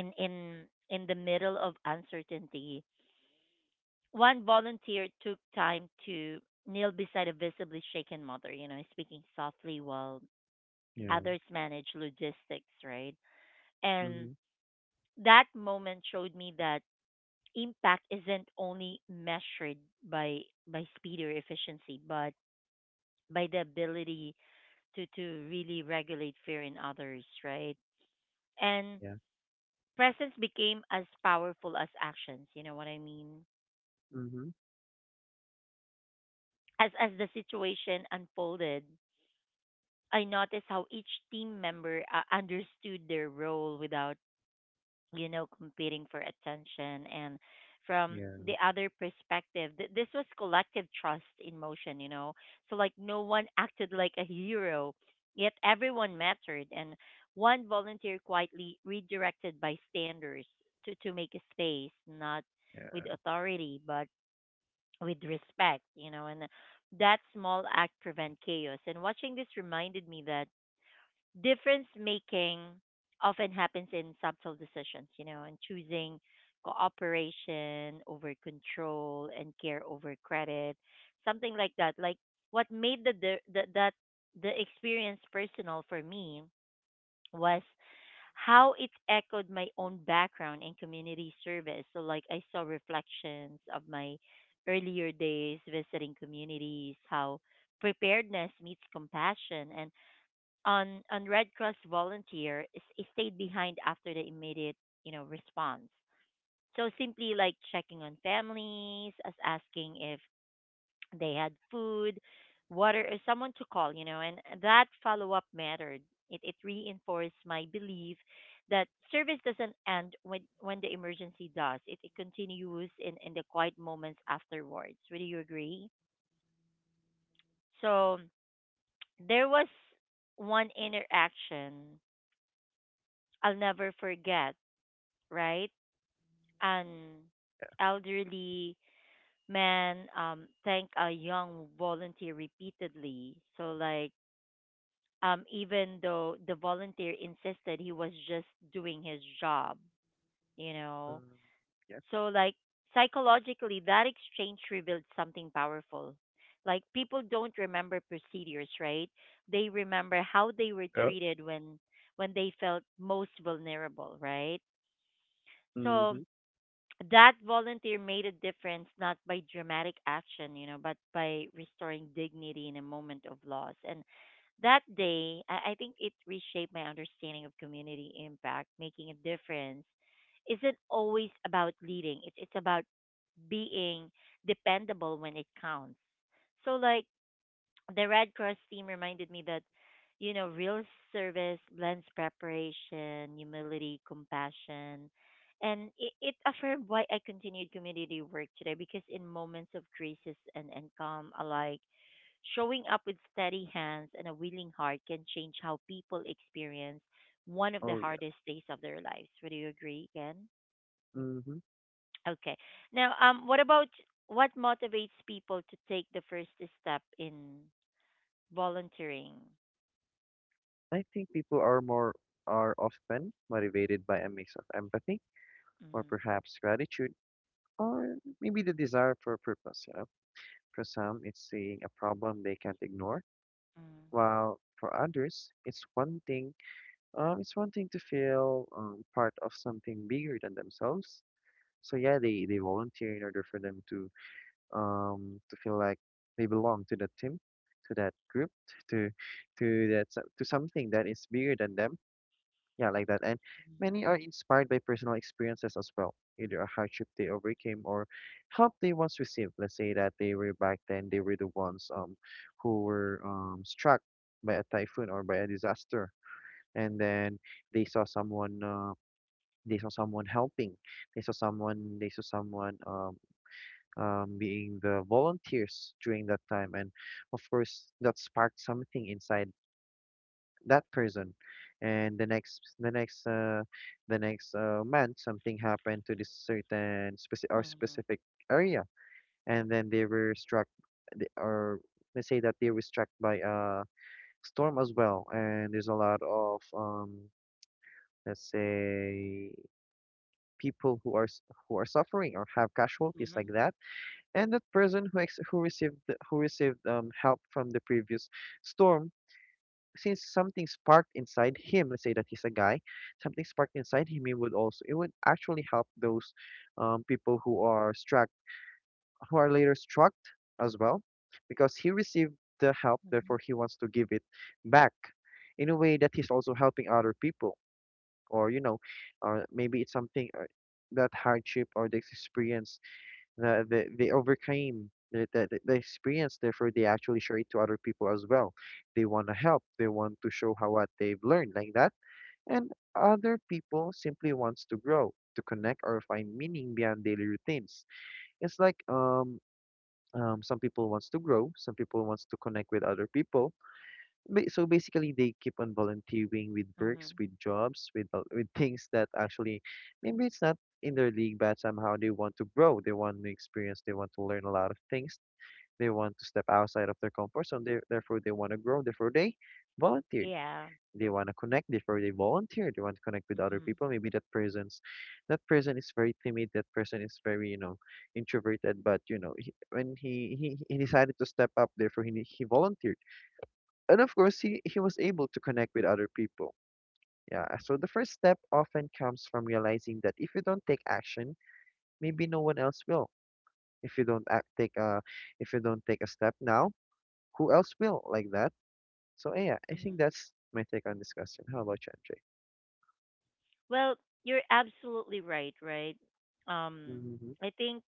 Speaker 1: in in in the middle of uncertainty, one volunteer took time to kneel beside a visibly shaken mother, you know, speaking softly while
Speaker 2: Yeah.
Speaker 1: others manage logistics, right? And
Speaker 2: Mm-hmm.
Speaker 1: that moment showed me that impact isn't only measured by speed or efficiency, but by the ability to really regulate fear in others, right? And
Speaker 2: Yeah.
Speaker 1: presence became as powerful as actions, you know what I mean?
Speaker 2: Mm-hmm.
Speaker 1: As the situation unfolded, I noticed how each team member understood their role without you know, competing for attention. And from
Speaker 2: Yeah.
Speaker 1: the other perspective, this was collective trust in motion, you know. So, like, no one acted like a hero, yet everyone mattered. And one volunteer quietly redirected bystanders to, make a space, not with
Speaker 2: Yeah.
Speaker 1: authority, but with respect, you know. And that small act prevent chaos. And watching this reminded me that difference making often happens in subtle decisions, you know, and choosing cooperation over control and care over credit, something like that. Like what made the that the experience personal for me was how it echoed my own background in community service. So like I saw reflections of my earlier days visiting communities, how preparedness meets compassion, and on Red Cross volunteer is, stayed behind after the immediate you know response. So simply like checking on families, as asking if they had food, water, or someone to call. You know, and that follow up mattered. It reinforced my belief that service doesn't end when the emergency does. It continues in the quiet moments afterwards. Would you agree? So there was one interaction I'll never forget, right? An elderly man thanked a young volunteer repeatedly. So, like, even though the volunteer insisted he was just doing his job, you know?
Speaker 2: Um, yeah.
Speaker 1: So, like, psychologically, that exchange revealed something powerful. Like, people don't remember procedures, right? They remember how they were
Speaker 2: Oh,
Speaker 1: treated when they felt most vulnerable, right? So
Speaker 2: mm-hmm.
Speaker 1: that volunteer made a difference not by dramatic action, but by restoring dignity in a moment of loss. And that day, I think it reshaped my understanding of community impact. Making a difference isn't always about leading, it's about being dependable when it counts. So, like, the Red Cross team reminded me that, real service blends preparation, humility, compassion. And it affirmed why I continued community work today, because in moments of crisis and calm alike, showing up with steady hands and a willing heart can change how people experience one of the
Speaker 2: Oh yeah.
Speaker 1: hardest days of their lives. Would you agree again?
Speaker 2: Mm-hmm.
Speaker 1: Okay. Now, what about what motivates people to take the first step in volunteering?
Speaker 2: I think people are more are often motivated by a mix of empathy or
Speaker 1: Mm,
Speaker 2: perhaps gratitude or maybe the desire for purpose, you know. For some, it's seeing a problem they can't ignore,
Speaker 1: mm,
Speaker 2: while for others, it's one thing to feel part of something bigger than themselves. So yeah, they volunteer in order for them to feel like they belong to that team, to that group, to to to something that is bigger than them. Yeah, like that. And
Speaker 1: mhm,
Speaker 2: many are inspired by personal experiences as well, either a hardship they overcame or help they once received. Let's say that they were back then, they were the ones who were struck by a typhoon or by a disaster, and then they saw someone uh, they saw someone helping, they saw someone being the volunteers during that time, and of course that sparked something inside that person and the next month something happened to this certain
Speaker 1: mhm,
Speaker 2: specific area, and then they were struck th- or let's say that they were struck by a storm as well, and there's a lot of let's say people who who are suffering or have casualties like
Speaker 1: mhm,
Speaker 2: that, and that person who received help from the previous storm. Since something sparked inside him, let's say that he's a guy, something sparked inside him, he would also it would actually help those people who are struck who are later struck as well, because he received the help,
Speaker 1: mhm,
Speaker 2: therefore he wants to give it back in a way that he's also helping other people. Or you know, or maybe it's something that hardship or this experience they overcame the experience, therefore they actually share it to other people as well. They want to help, they want to show how what they've learned, like that. And other people simply wants to grow, to connect, or find meaning beyond daily routines. It's like some people wants to grow, some people wants to connect with other people. So basically they keep on volunteering with works,
Speaker 1: mhm.
Speaker 2: with jobs, with things that actually maybe it's not in their league, but somehow they want to grow, they want to experience, they want to learn a lot of things, they want to step outside of their comfort zone. Therefore they want to grow, therefore they volunteered.
Speaker 1: Yeah.
Speaker 2: They want to connect, therefore they volunteer. They want to connect with other
Speaker 1: Mhm,
Speaker 2: people. Maybe that person is very timid, that person is very, you know, introverted, but you know, when he decided to step up, therefore he volunteered, and of course, he was able to connect with other people. Yeah, so the first step often comes from realizing that if you don't take action, maybe no one else will. If you don't act, take if you don't take a step now, who else will, like that? So yeah, I
Speaker 1: mhm.
Speaker 2: think that's my take on this question. How about you,
Speaker 1: Well, you're absolutely right, right?
Speaker 2: MJ?
Speaker 1: Um,
Speaker 2: Mm-hmm.
Speaker 1: I think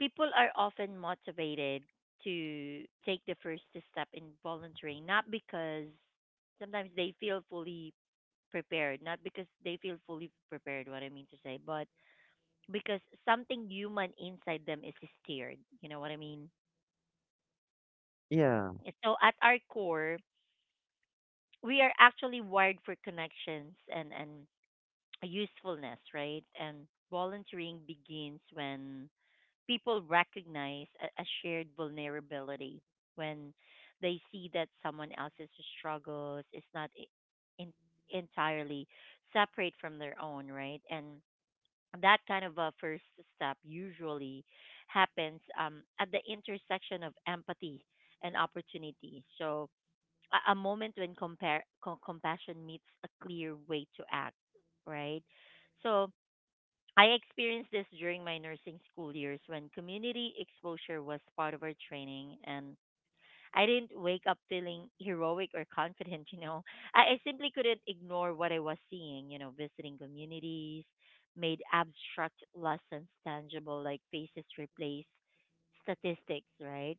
Speaker 1: people are often motivated to take the first step in volunteering, not because sometimes they feel fully prepared, not because they feel fully prepared, what I mean to say, but because something human inside them is stirred. You know what I mean?
Speaker 2: Yeah,
Speaker 1: So at our core, we are actually wired for connections and usefulness, right? And volunteering begins when people recognize a shared vulnerability, when they see that someone else's struggles is not in, entirely separate from their own, right? And that kind of a first step usually happens at the intersection of empathy and opportunity. So, a moment when compassion meets a clear way to act, right? So I experienced this during my nursing school years when community exposure was part of our training, and I didn't wake up feeling heroic or confident. You know, I simply couldn't ignore what I was seeing. You know, visiting communities made abstract lessons tangible, like faces replace statistics, right?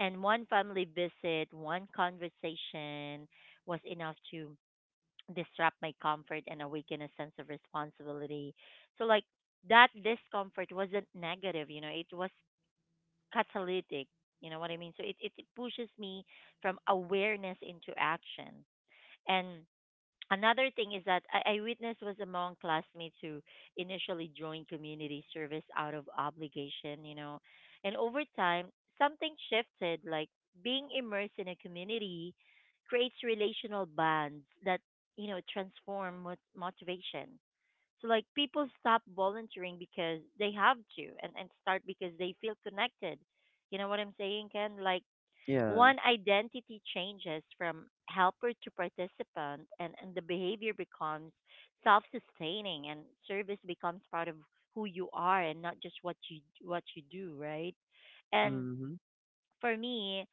Speaker 1: And one family visit, one conversation was enough to disrupt my comfort and awaken a sense of responsibility. So, like, that discomfort wasn't negative, you know, it was catalytic. You know what I mean? So, it pushes me from awareness into action. And another thing is that I witnessed was among classmates who initially joined community service out of obligation, you know, and over time something shifted. Like being immersed in a community creates relational bonds that, you know, transform motivation. So like people stop volunteering because they have to and start because they feel connected. You know what I'm saying, Ken? Like
Speaker 2: yeah,
Speaker 1: one identity changes from helper to participant, and the behavior becomes self sustaining and service becomes part of who you are and not just what you do, right? And
Speaker 2: mm-hmm.
Speaker 1: for me,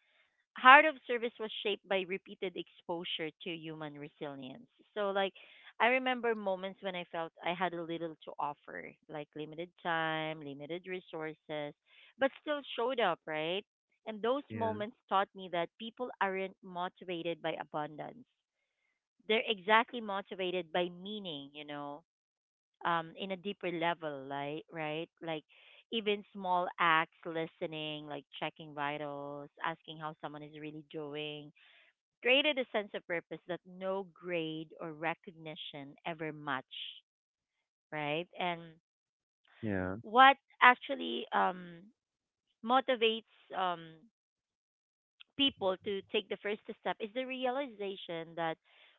Speaker 1: Heart of Service was shaped by repeated exposure to human resilience. So, like, I remember moments when I felt I had a little to offer, like limited time, limited resources, but still showed up, right? And those
Speaker 2: Yeah,
Speaker 1: moments taught me that people aren't motivated by abundance. They're exactly motivated by meaning, you know, in a deeper level, like, right, like even small acts, listening, like checking vitals, asking how someone is really doing, created a sense of purpose that no grade or recognition ever match, right? And
Speaker 2: yeah,
Speaker 1: what actually motivates um, people to take the first step is the realization that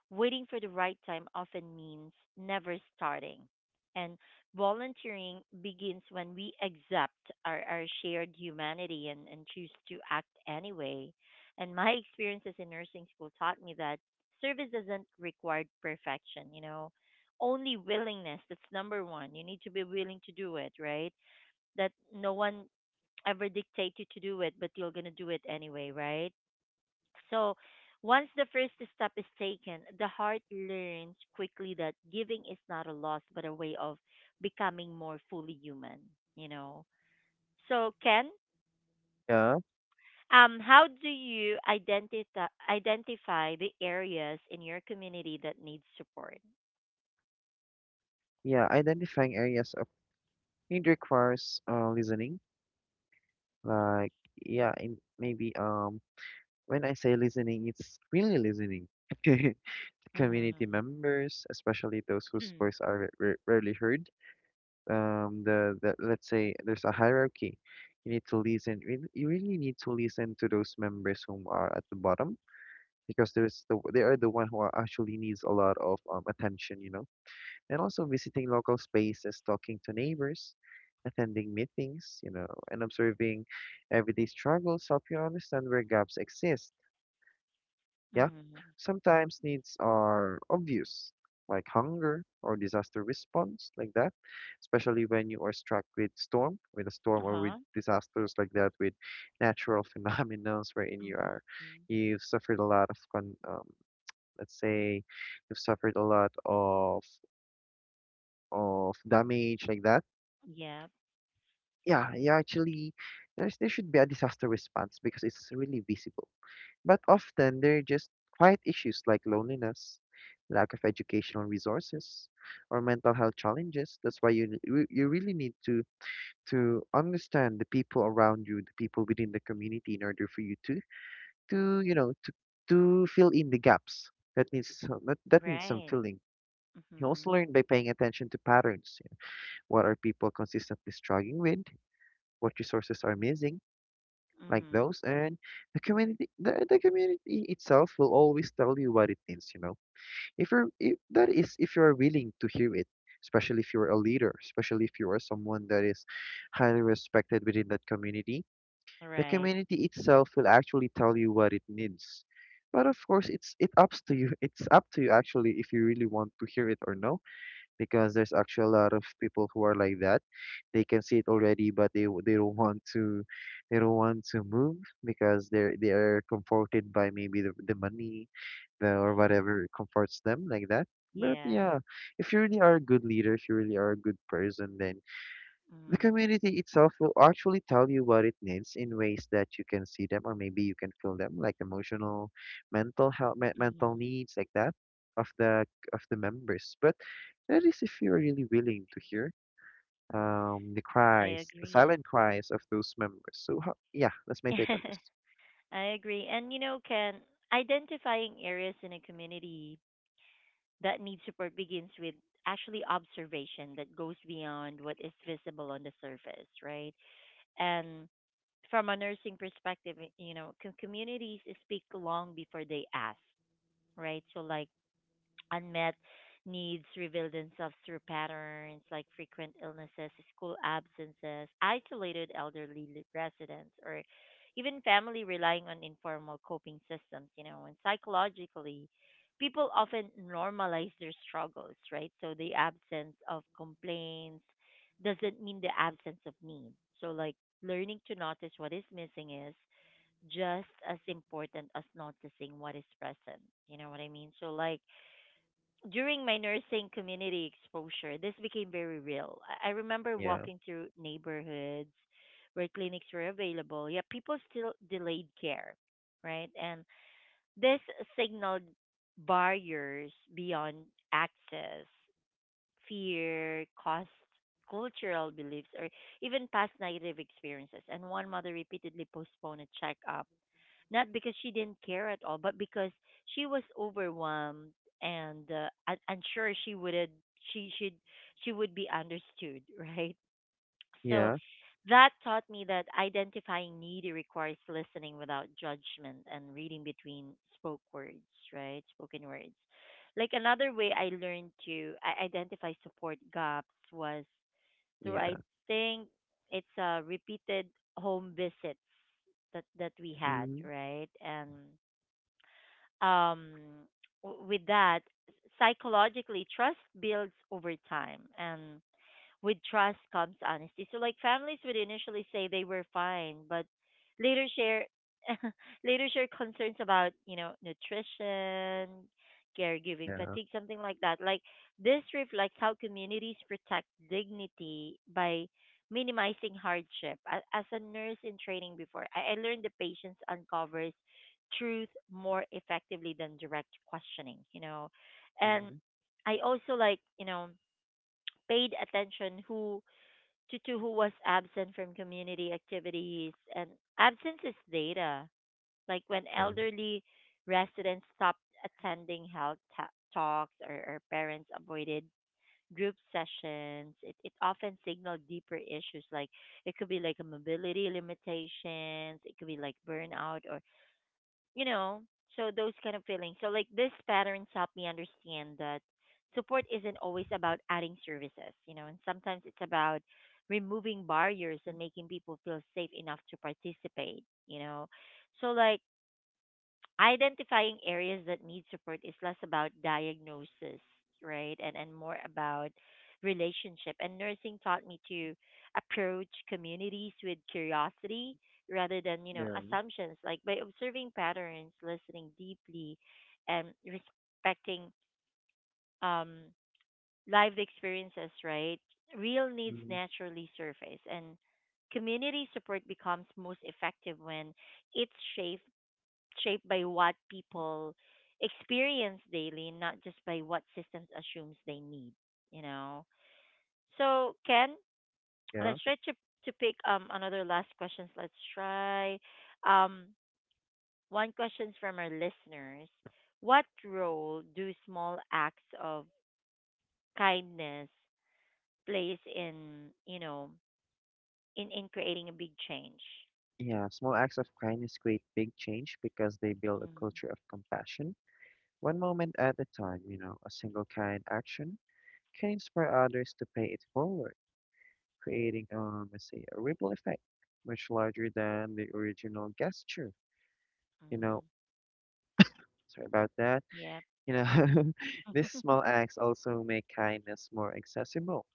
Speaker 1: waiting for the right time often means never starting. And volunteering begins when we accept our shared humanity, and choose to act anyway. And my experiences in nursing school taught me that service doesn't require perfection, you know, only willingness. That's number one. You need to be willing to do it, right? That no one ever dictate you to do it, but you're gonna do it anyway, right? So once the first step is taken, the heart learns quickly that giving is not a loss but a way of becoming more fully human, you know. So Ken,
Speaker 2: yeah,
Speaker 1: how do you identify the areas in your community that need support?
Speaker 2: yeah. Identifying areas of need requires listening. Like yeah, in maybe when I say listening, it's really listening. Community
Speaker 1: Mhm.
Speaker 2: members, especially those whose
Speaker 1: Mhm.
Speaker 2: voice are rarely heard, the, let's say there's a hierarchy. You really need to listen to those members whom are at the bottom, because there's the they are the one who are actually needs a lot of attention, you know. And also visiting local spaces, talking to neighbors, attending meetings, you know, and observing everyday struggles help you understand where gaps exist. Yeah, sometimes needs are obvious, like hunger or disaster response, like that. Especially when you are struck with a storm or with
Speaker 1: Uh-huh.
Speaker 2: disasters like that, with natural phenomenons wherein you are,
Speaker 1: Mhm. Mhm.
Speaker 2: you've suffered a lot of let's say, you've suffered a lot of damage like that.
Speaker 1: Yeah,
Speaker 2: Yeah, yeah. Actually, there should be a disaster response because it's really visible. But often they're just quiet issues like loneliness, lack of educational resources, or mental health challenges. That's why you really need to understand the people around you, the people within the community, in order for you to to you know to to fill in the gaps that needs some, that needs some
Speaker 1: right.
Speaker 2: filling. You also
Speaker 1: Mhm.
Speaker 2: learn by paying attention to patterns. What are people consistently struggling with? What resources are missing? Like
Speaker 1: Mhm.
Speaker 2: those. And the community itself will always tell you what it means, you know, if you're if, that is if you're willing to hear it, especially if you're a leader, especially if you are someone that is highly respected within that community. The
Speaker 1: Right.
Speaker 2: community itself will actually tell you what it needs, but of course it's it ups to you it's up to you actually, if you really want to hear it or no. Because there's actually a lot of people who are like that. They can see it already, but they don't want to, they don't want to move, because they are comforted by maybe the money, or whatever comforts them, like that. But
Speaker 1: Yeah.
Speaker 2: yeah, if you really are a good leader, if you really are a good person, then the
Speaker 1: Mhm.
Speaker 2: community itself will actually tell you what it needs, in ways that you can see them, or maybe you can feel them, like emotional, mental health, mental
Speaker 1: Mhm.
Speaker 2: needs, like that, of the of the members. But that is if you're really willing to hear the
Speaker 1: I
Speaker 2: cries, the
Speaker 1: agree.
Speaker 2: silent cries of those members. So how, yeah, that's my take on this.
Speaker 1: I agree. And you know, Ken, identifying areas in a community that need support begins with actually observation that goes beyond what is visible on the surface, right? And from a nursing perspective, you know, communities speak long before they ask, right? So, like, unmet needs reveal themselves through patterns like frequent illnesses, school absences, isolated elderly residents, or even family relying on informal coping systems, you know, and psychologically, people often normalize their struggles, right? So the absence of complaints doesn't mean the absence of need. So, like, learning to notice what is missing is just as important as noticing what is present. You know what I mean? So, like, during my nursing community exposure, this became very real. I remember
Speaker 2: Yeah,
Speaker 1: walking through neighborhoods where clinics were available, yet people still delayed care, right? And this signaled barriers beyond access, fear, cost, cultural beliefs, or even past negative experiences. And one mother repeatedly postponed a checkup not because she didn't care at all, but because she was overwhelmed and unsure she should she would be understood, right? So
Speaker 2: yeah,
Speaker 1: that taught me that identifying need requires listening without judgment and reading between spoke words, right? Spoken words. Like another way I learned to identify support gaps was through, I
Speaker 2: yeah,
Speaker 1: think, it's repeated home visits that we had,
Speaker 2: mm-hmm.
Speaker 1: right? And um, with that, psychologically, trust builds over time, and with trust comes honesty. So like families would initially say they were fine, but later share later share concerns about, you know, nutrition, caregiving
Speaker 2: Yeah,
Speaker 1: fatigue, something like that. Like this reflects how communities protect dignity by minimizing hardship. As a nurse in training before, I learned the patience uncovers truth more effectively than direct questioning, you know. And
Speaker 2: mm-hmm.
Speaker 1: I also, like, you know, paid attention to who was absent from community activities, and absence is data, like when
Speaker 2: Yeah,
Speaker 1: elderly residents stopped attending health talks, or parents avoided group sessions, it often signaled deeper issues, like it could be like a mobility limitations, it could be like burnout, or, you know, so those kind of feelings. So like this patterns help me understand that support isn't always about adding services, you know, and sometimes it's about removing barriers and making people feel safe enough to participate, you know. So like identifying areas that need support is less about diagnosis, right? And more about relationship. And nursing taught me to approach communities with curiosity rather than, you know,
Speaker 2: yeah,
Speaker 1: assumptions. Like by observing patterns, listening deeply, and respecting um lived experiences, right? Real needs
Speaker 2: mm-hmm.
Speaker 1: naturally surface, and community support becomes most effective when it's shaped by what people experience daily, not just by what systems assumes they need, you know. So, Ken,
Speaker 2: Yeah,
Speaker 1: let's try to pick another last questions. Let's try um one questions from our listeners. What role do small acts of kindness plays in, in creating a big change?
Speaker 2: yeah. Small acts of kindness create big change because they build a
Speaker 1: Mm-hmm.
Speaker 2: culture of compassion one moment at a time. You know, a single kind action can inspire others to pay it forward, creating, let's say, a ripple effect much larger than the original gesture. You
Speaker 1: Mm-hmm.
Speaker 2: know, sorry about that.
Speaker 1: Yep.
Speaker 2: You know, these small acts also make kindness more accessible.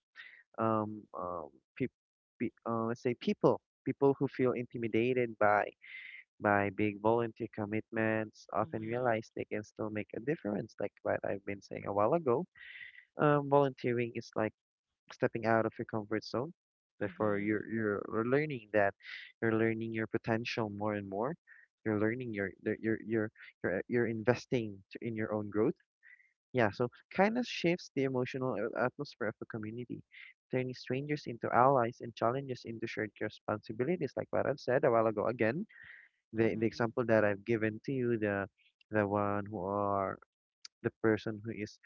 Speaker 2: Um, um, peop pe let's say people who feel intimidated by big volunteer commitments often
Speaker 1: Mm-hmm.
Speaker 2: realize they can still make a difference, like what I've been saying a while ago. Volunteering is like stepping out of your comfort zone. Therefore,
Speaker 1: Mm-hmm.
Speaker 2: you're learning that you're learning your potential more and more. You're learning your the- you're investing to, in your own growth. Yeah, so kindness shifts the emotional atmosphere of the community, turning strangers into allies and challenges into shared responsibilities. Like what I've said a while ago. Again, the
Speaker 1: Mm-hmm.
Speaker 2: example that I've given to you, the one who are the person who is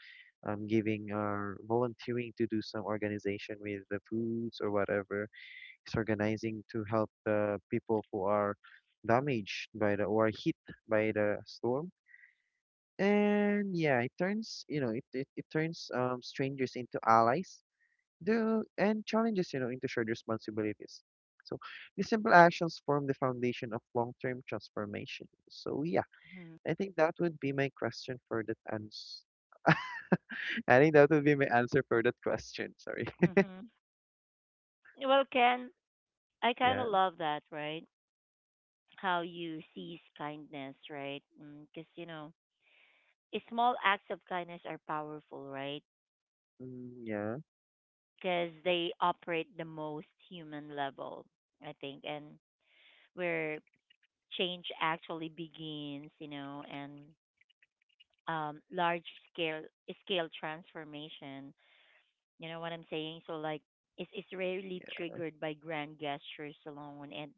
Speaker 2: giving or volunteering to do some organization with the foods or whatever, is organizing to help the people who are damaged by the or hit by the storm. And yeah, it turns, you know, it turns strangers into allies, and challenges, you know, into shared responsibilities. So these simple actions form the foundation of long-term transformation. So yeah,
Speaker 1: Mm-hmm.
Speaker 2: I think that would be my question for that ans I think that would be my answer for that question. Sorry.
Speaker 1: Mm-hmm. Well, Ken, I kind
Speaker 2: Yeah.
Speaker 1: of love that, right? How you seize kindness, right? Because, small acts of kindness are powerful, right?
Speaker 2: Mm, yeah.
Speaker 1: Because they operate the most human level, I think, and where change actually begins, you know, and large scale scale transformation. You know what I'm saying? So, like, it's rarely
Speaker 2: Yeah.
Speaker 1: triggered by grand gestures alone, and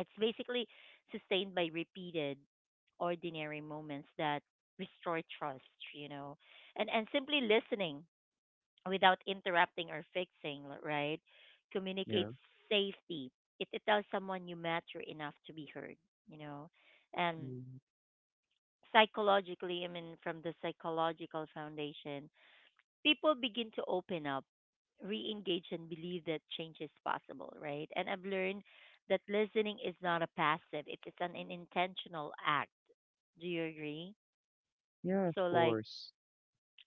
Speaker 1: it's basically sustained by repeated ordinary moments that restore trust, you know, and simply listening without interrupting or fixing, right?
Speaker 2: Yeah.
Speaker 1: Communicates safety. It tells someone you matter enough to be heard, you know, and
Speaker 2: Mm,
Speaker 1: psychologically, I mean, from the psychological foundation, people begin to open up, re-engage, and believe that change is possible, right? And I've learned that listening is not a passive; it is an intentional act. Do you agree?
Speaker 2: yeah. Of
Speaker 1: So, like,
Speaker 2: course.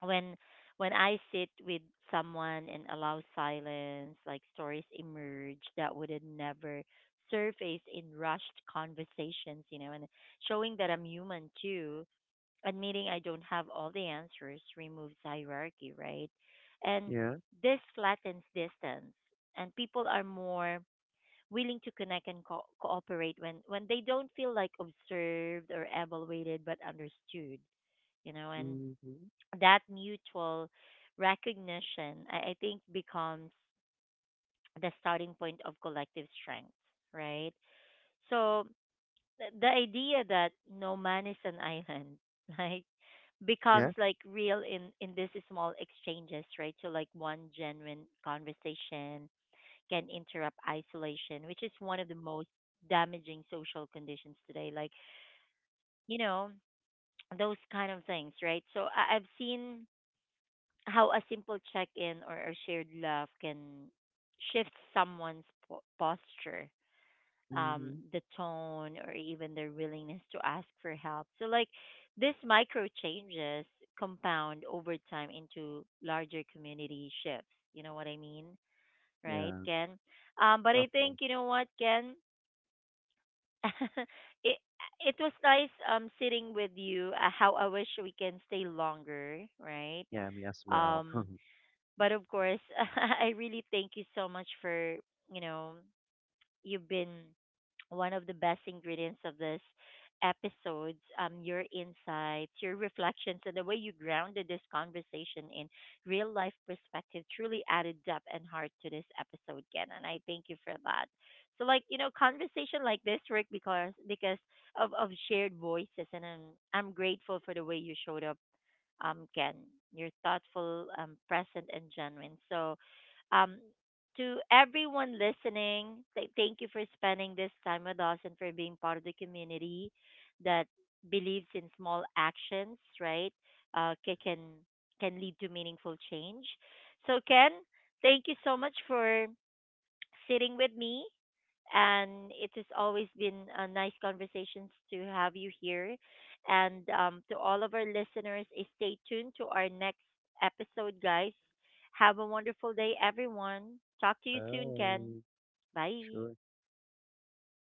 Speaker 1: when when I sit with someone and allow silence, like stories emerge that would have never surfaced in rushed conversations, you know, and showing that I'm human too, admitting I don't have all the answers, removes hierarchy, right? And
Speaker 2: Yeah.
Speaker 1: this flattens distance, and people are more willing to connect and cooperate when they don't feel like observed or evaluated but understood, you know, and
Speaker 2: Mm-hmm.
Speaker 1: that mutual recognition, I think, becomes the starting point of collective strength, right? So, the idea that no man is an island like becomes
Speaker 2: Yeah.
Speaker 1: like real in these small exchanges, right? So like one genuine conversation can interrupt isolation, which is one of the most damaging social conditions today, like, you know, those kind of things, right? So I've seen how a simple check-in or a shared laugh can shift someone's posture,
Speaker 2: Mm-hmm.
Speaker 1: the tone, or even their willingness to ask for help. So, like, these micro changes compound over time into larger community shifts. You know what I mean? Right,
Speaker 2: Yeah.
Speaker 1: Ken? But
Speaker 2: Of
Speaker 1: I think,
Speaker 2: course.
Speaker 1: you know what, Ken? it, it was nice sitting with you. How I wish we can stay longer, right?
Speaker 2: Yeah. Me as well.
Speaker 1: Um, but of course, I really thank you so much for, you know, you've been one of the best ingredients of this episodes, um, your insights, your reflections, and the way you grounded this conversation in real life perspective truly added depth and heart to this episode again, and I thank you for that. So like, you know, conversation like this work because of shared voices, and I'm grateful for the way you showed up, Ken. You're thoughtful, present, and genuine. So, um, to everyone listening, thank you for spending this time with us and for being part of the community that believes in small actions, right? Uh, ca- can can lead to meaningful change. So, Ken, thank you so much for sitting with me. And it has always been a nice conversations to have you here. And to all of our listeners, stay tuned to our next episode, guys. Have a wonderful day, everyone. Talk to you soon, Ken.
Speaker 2: Oh,
Speaker 1: Bye.
Speaker 2: sure.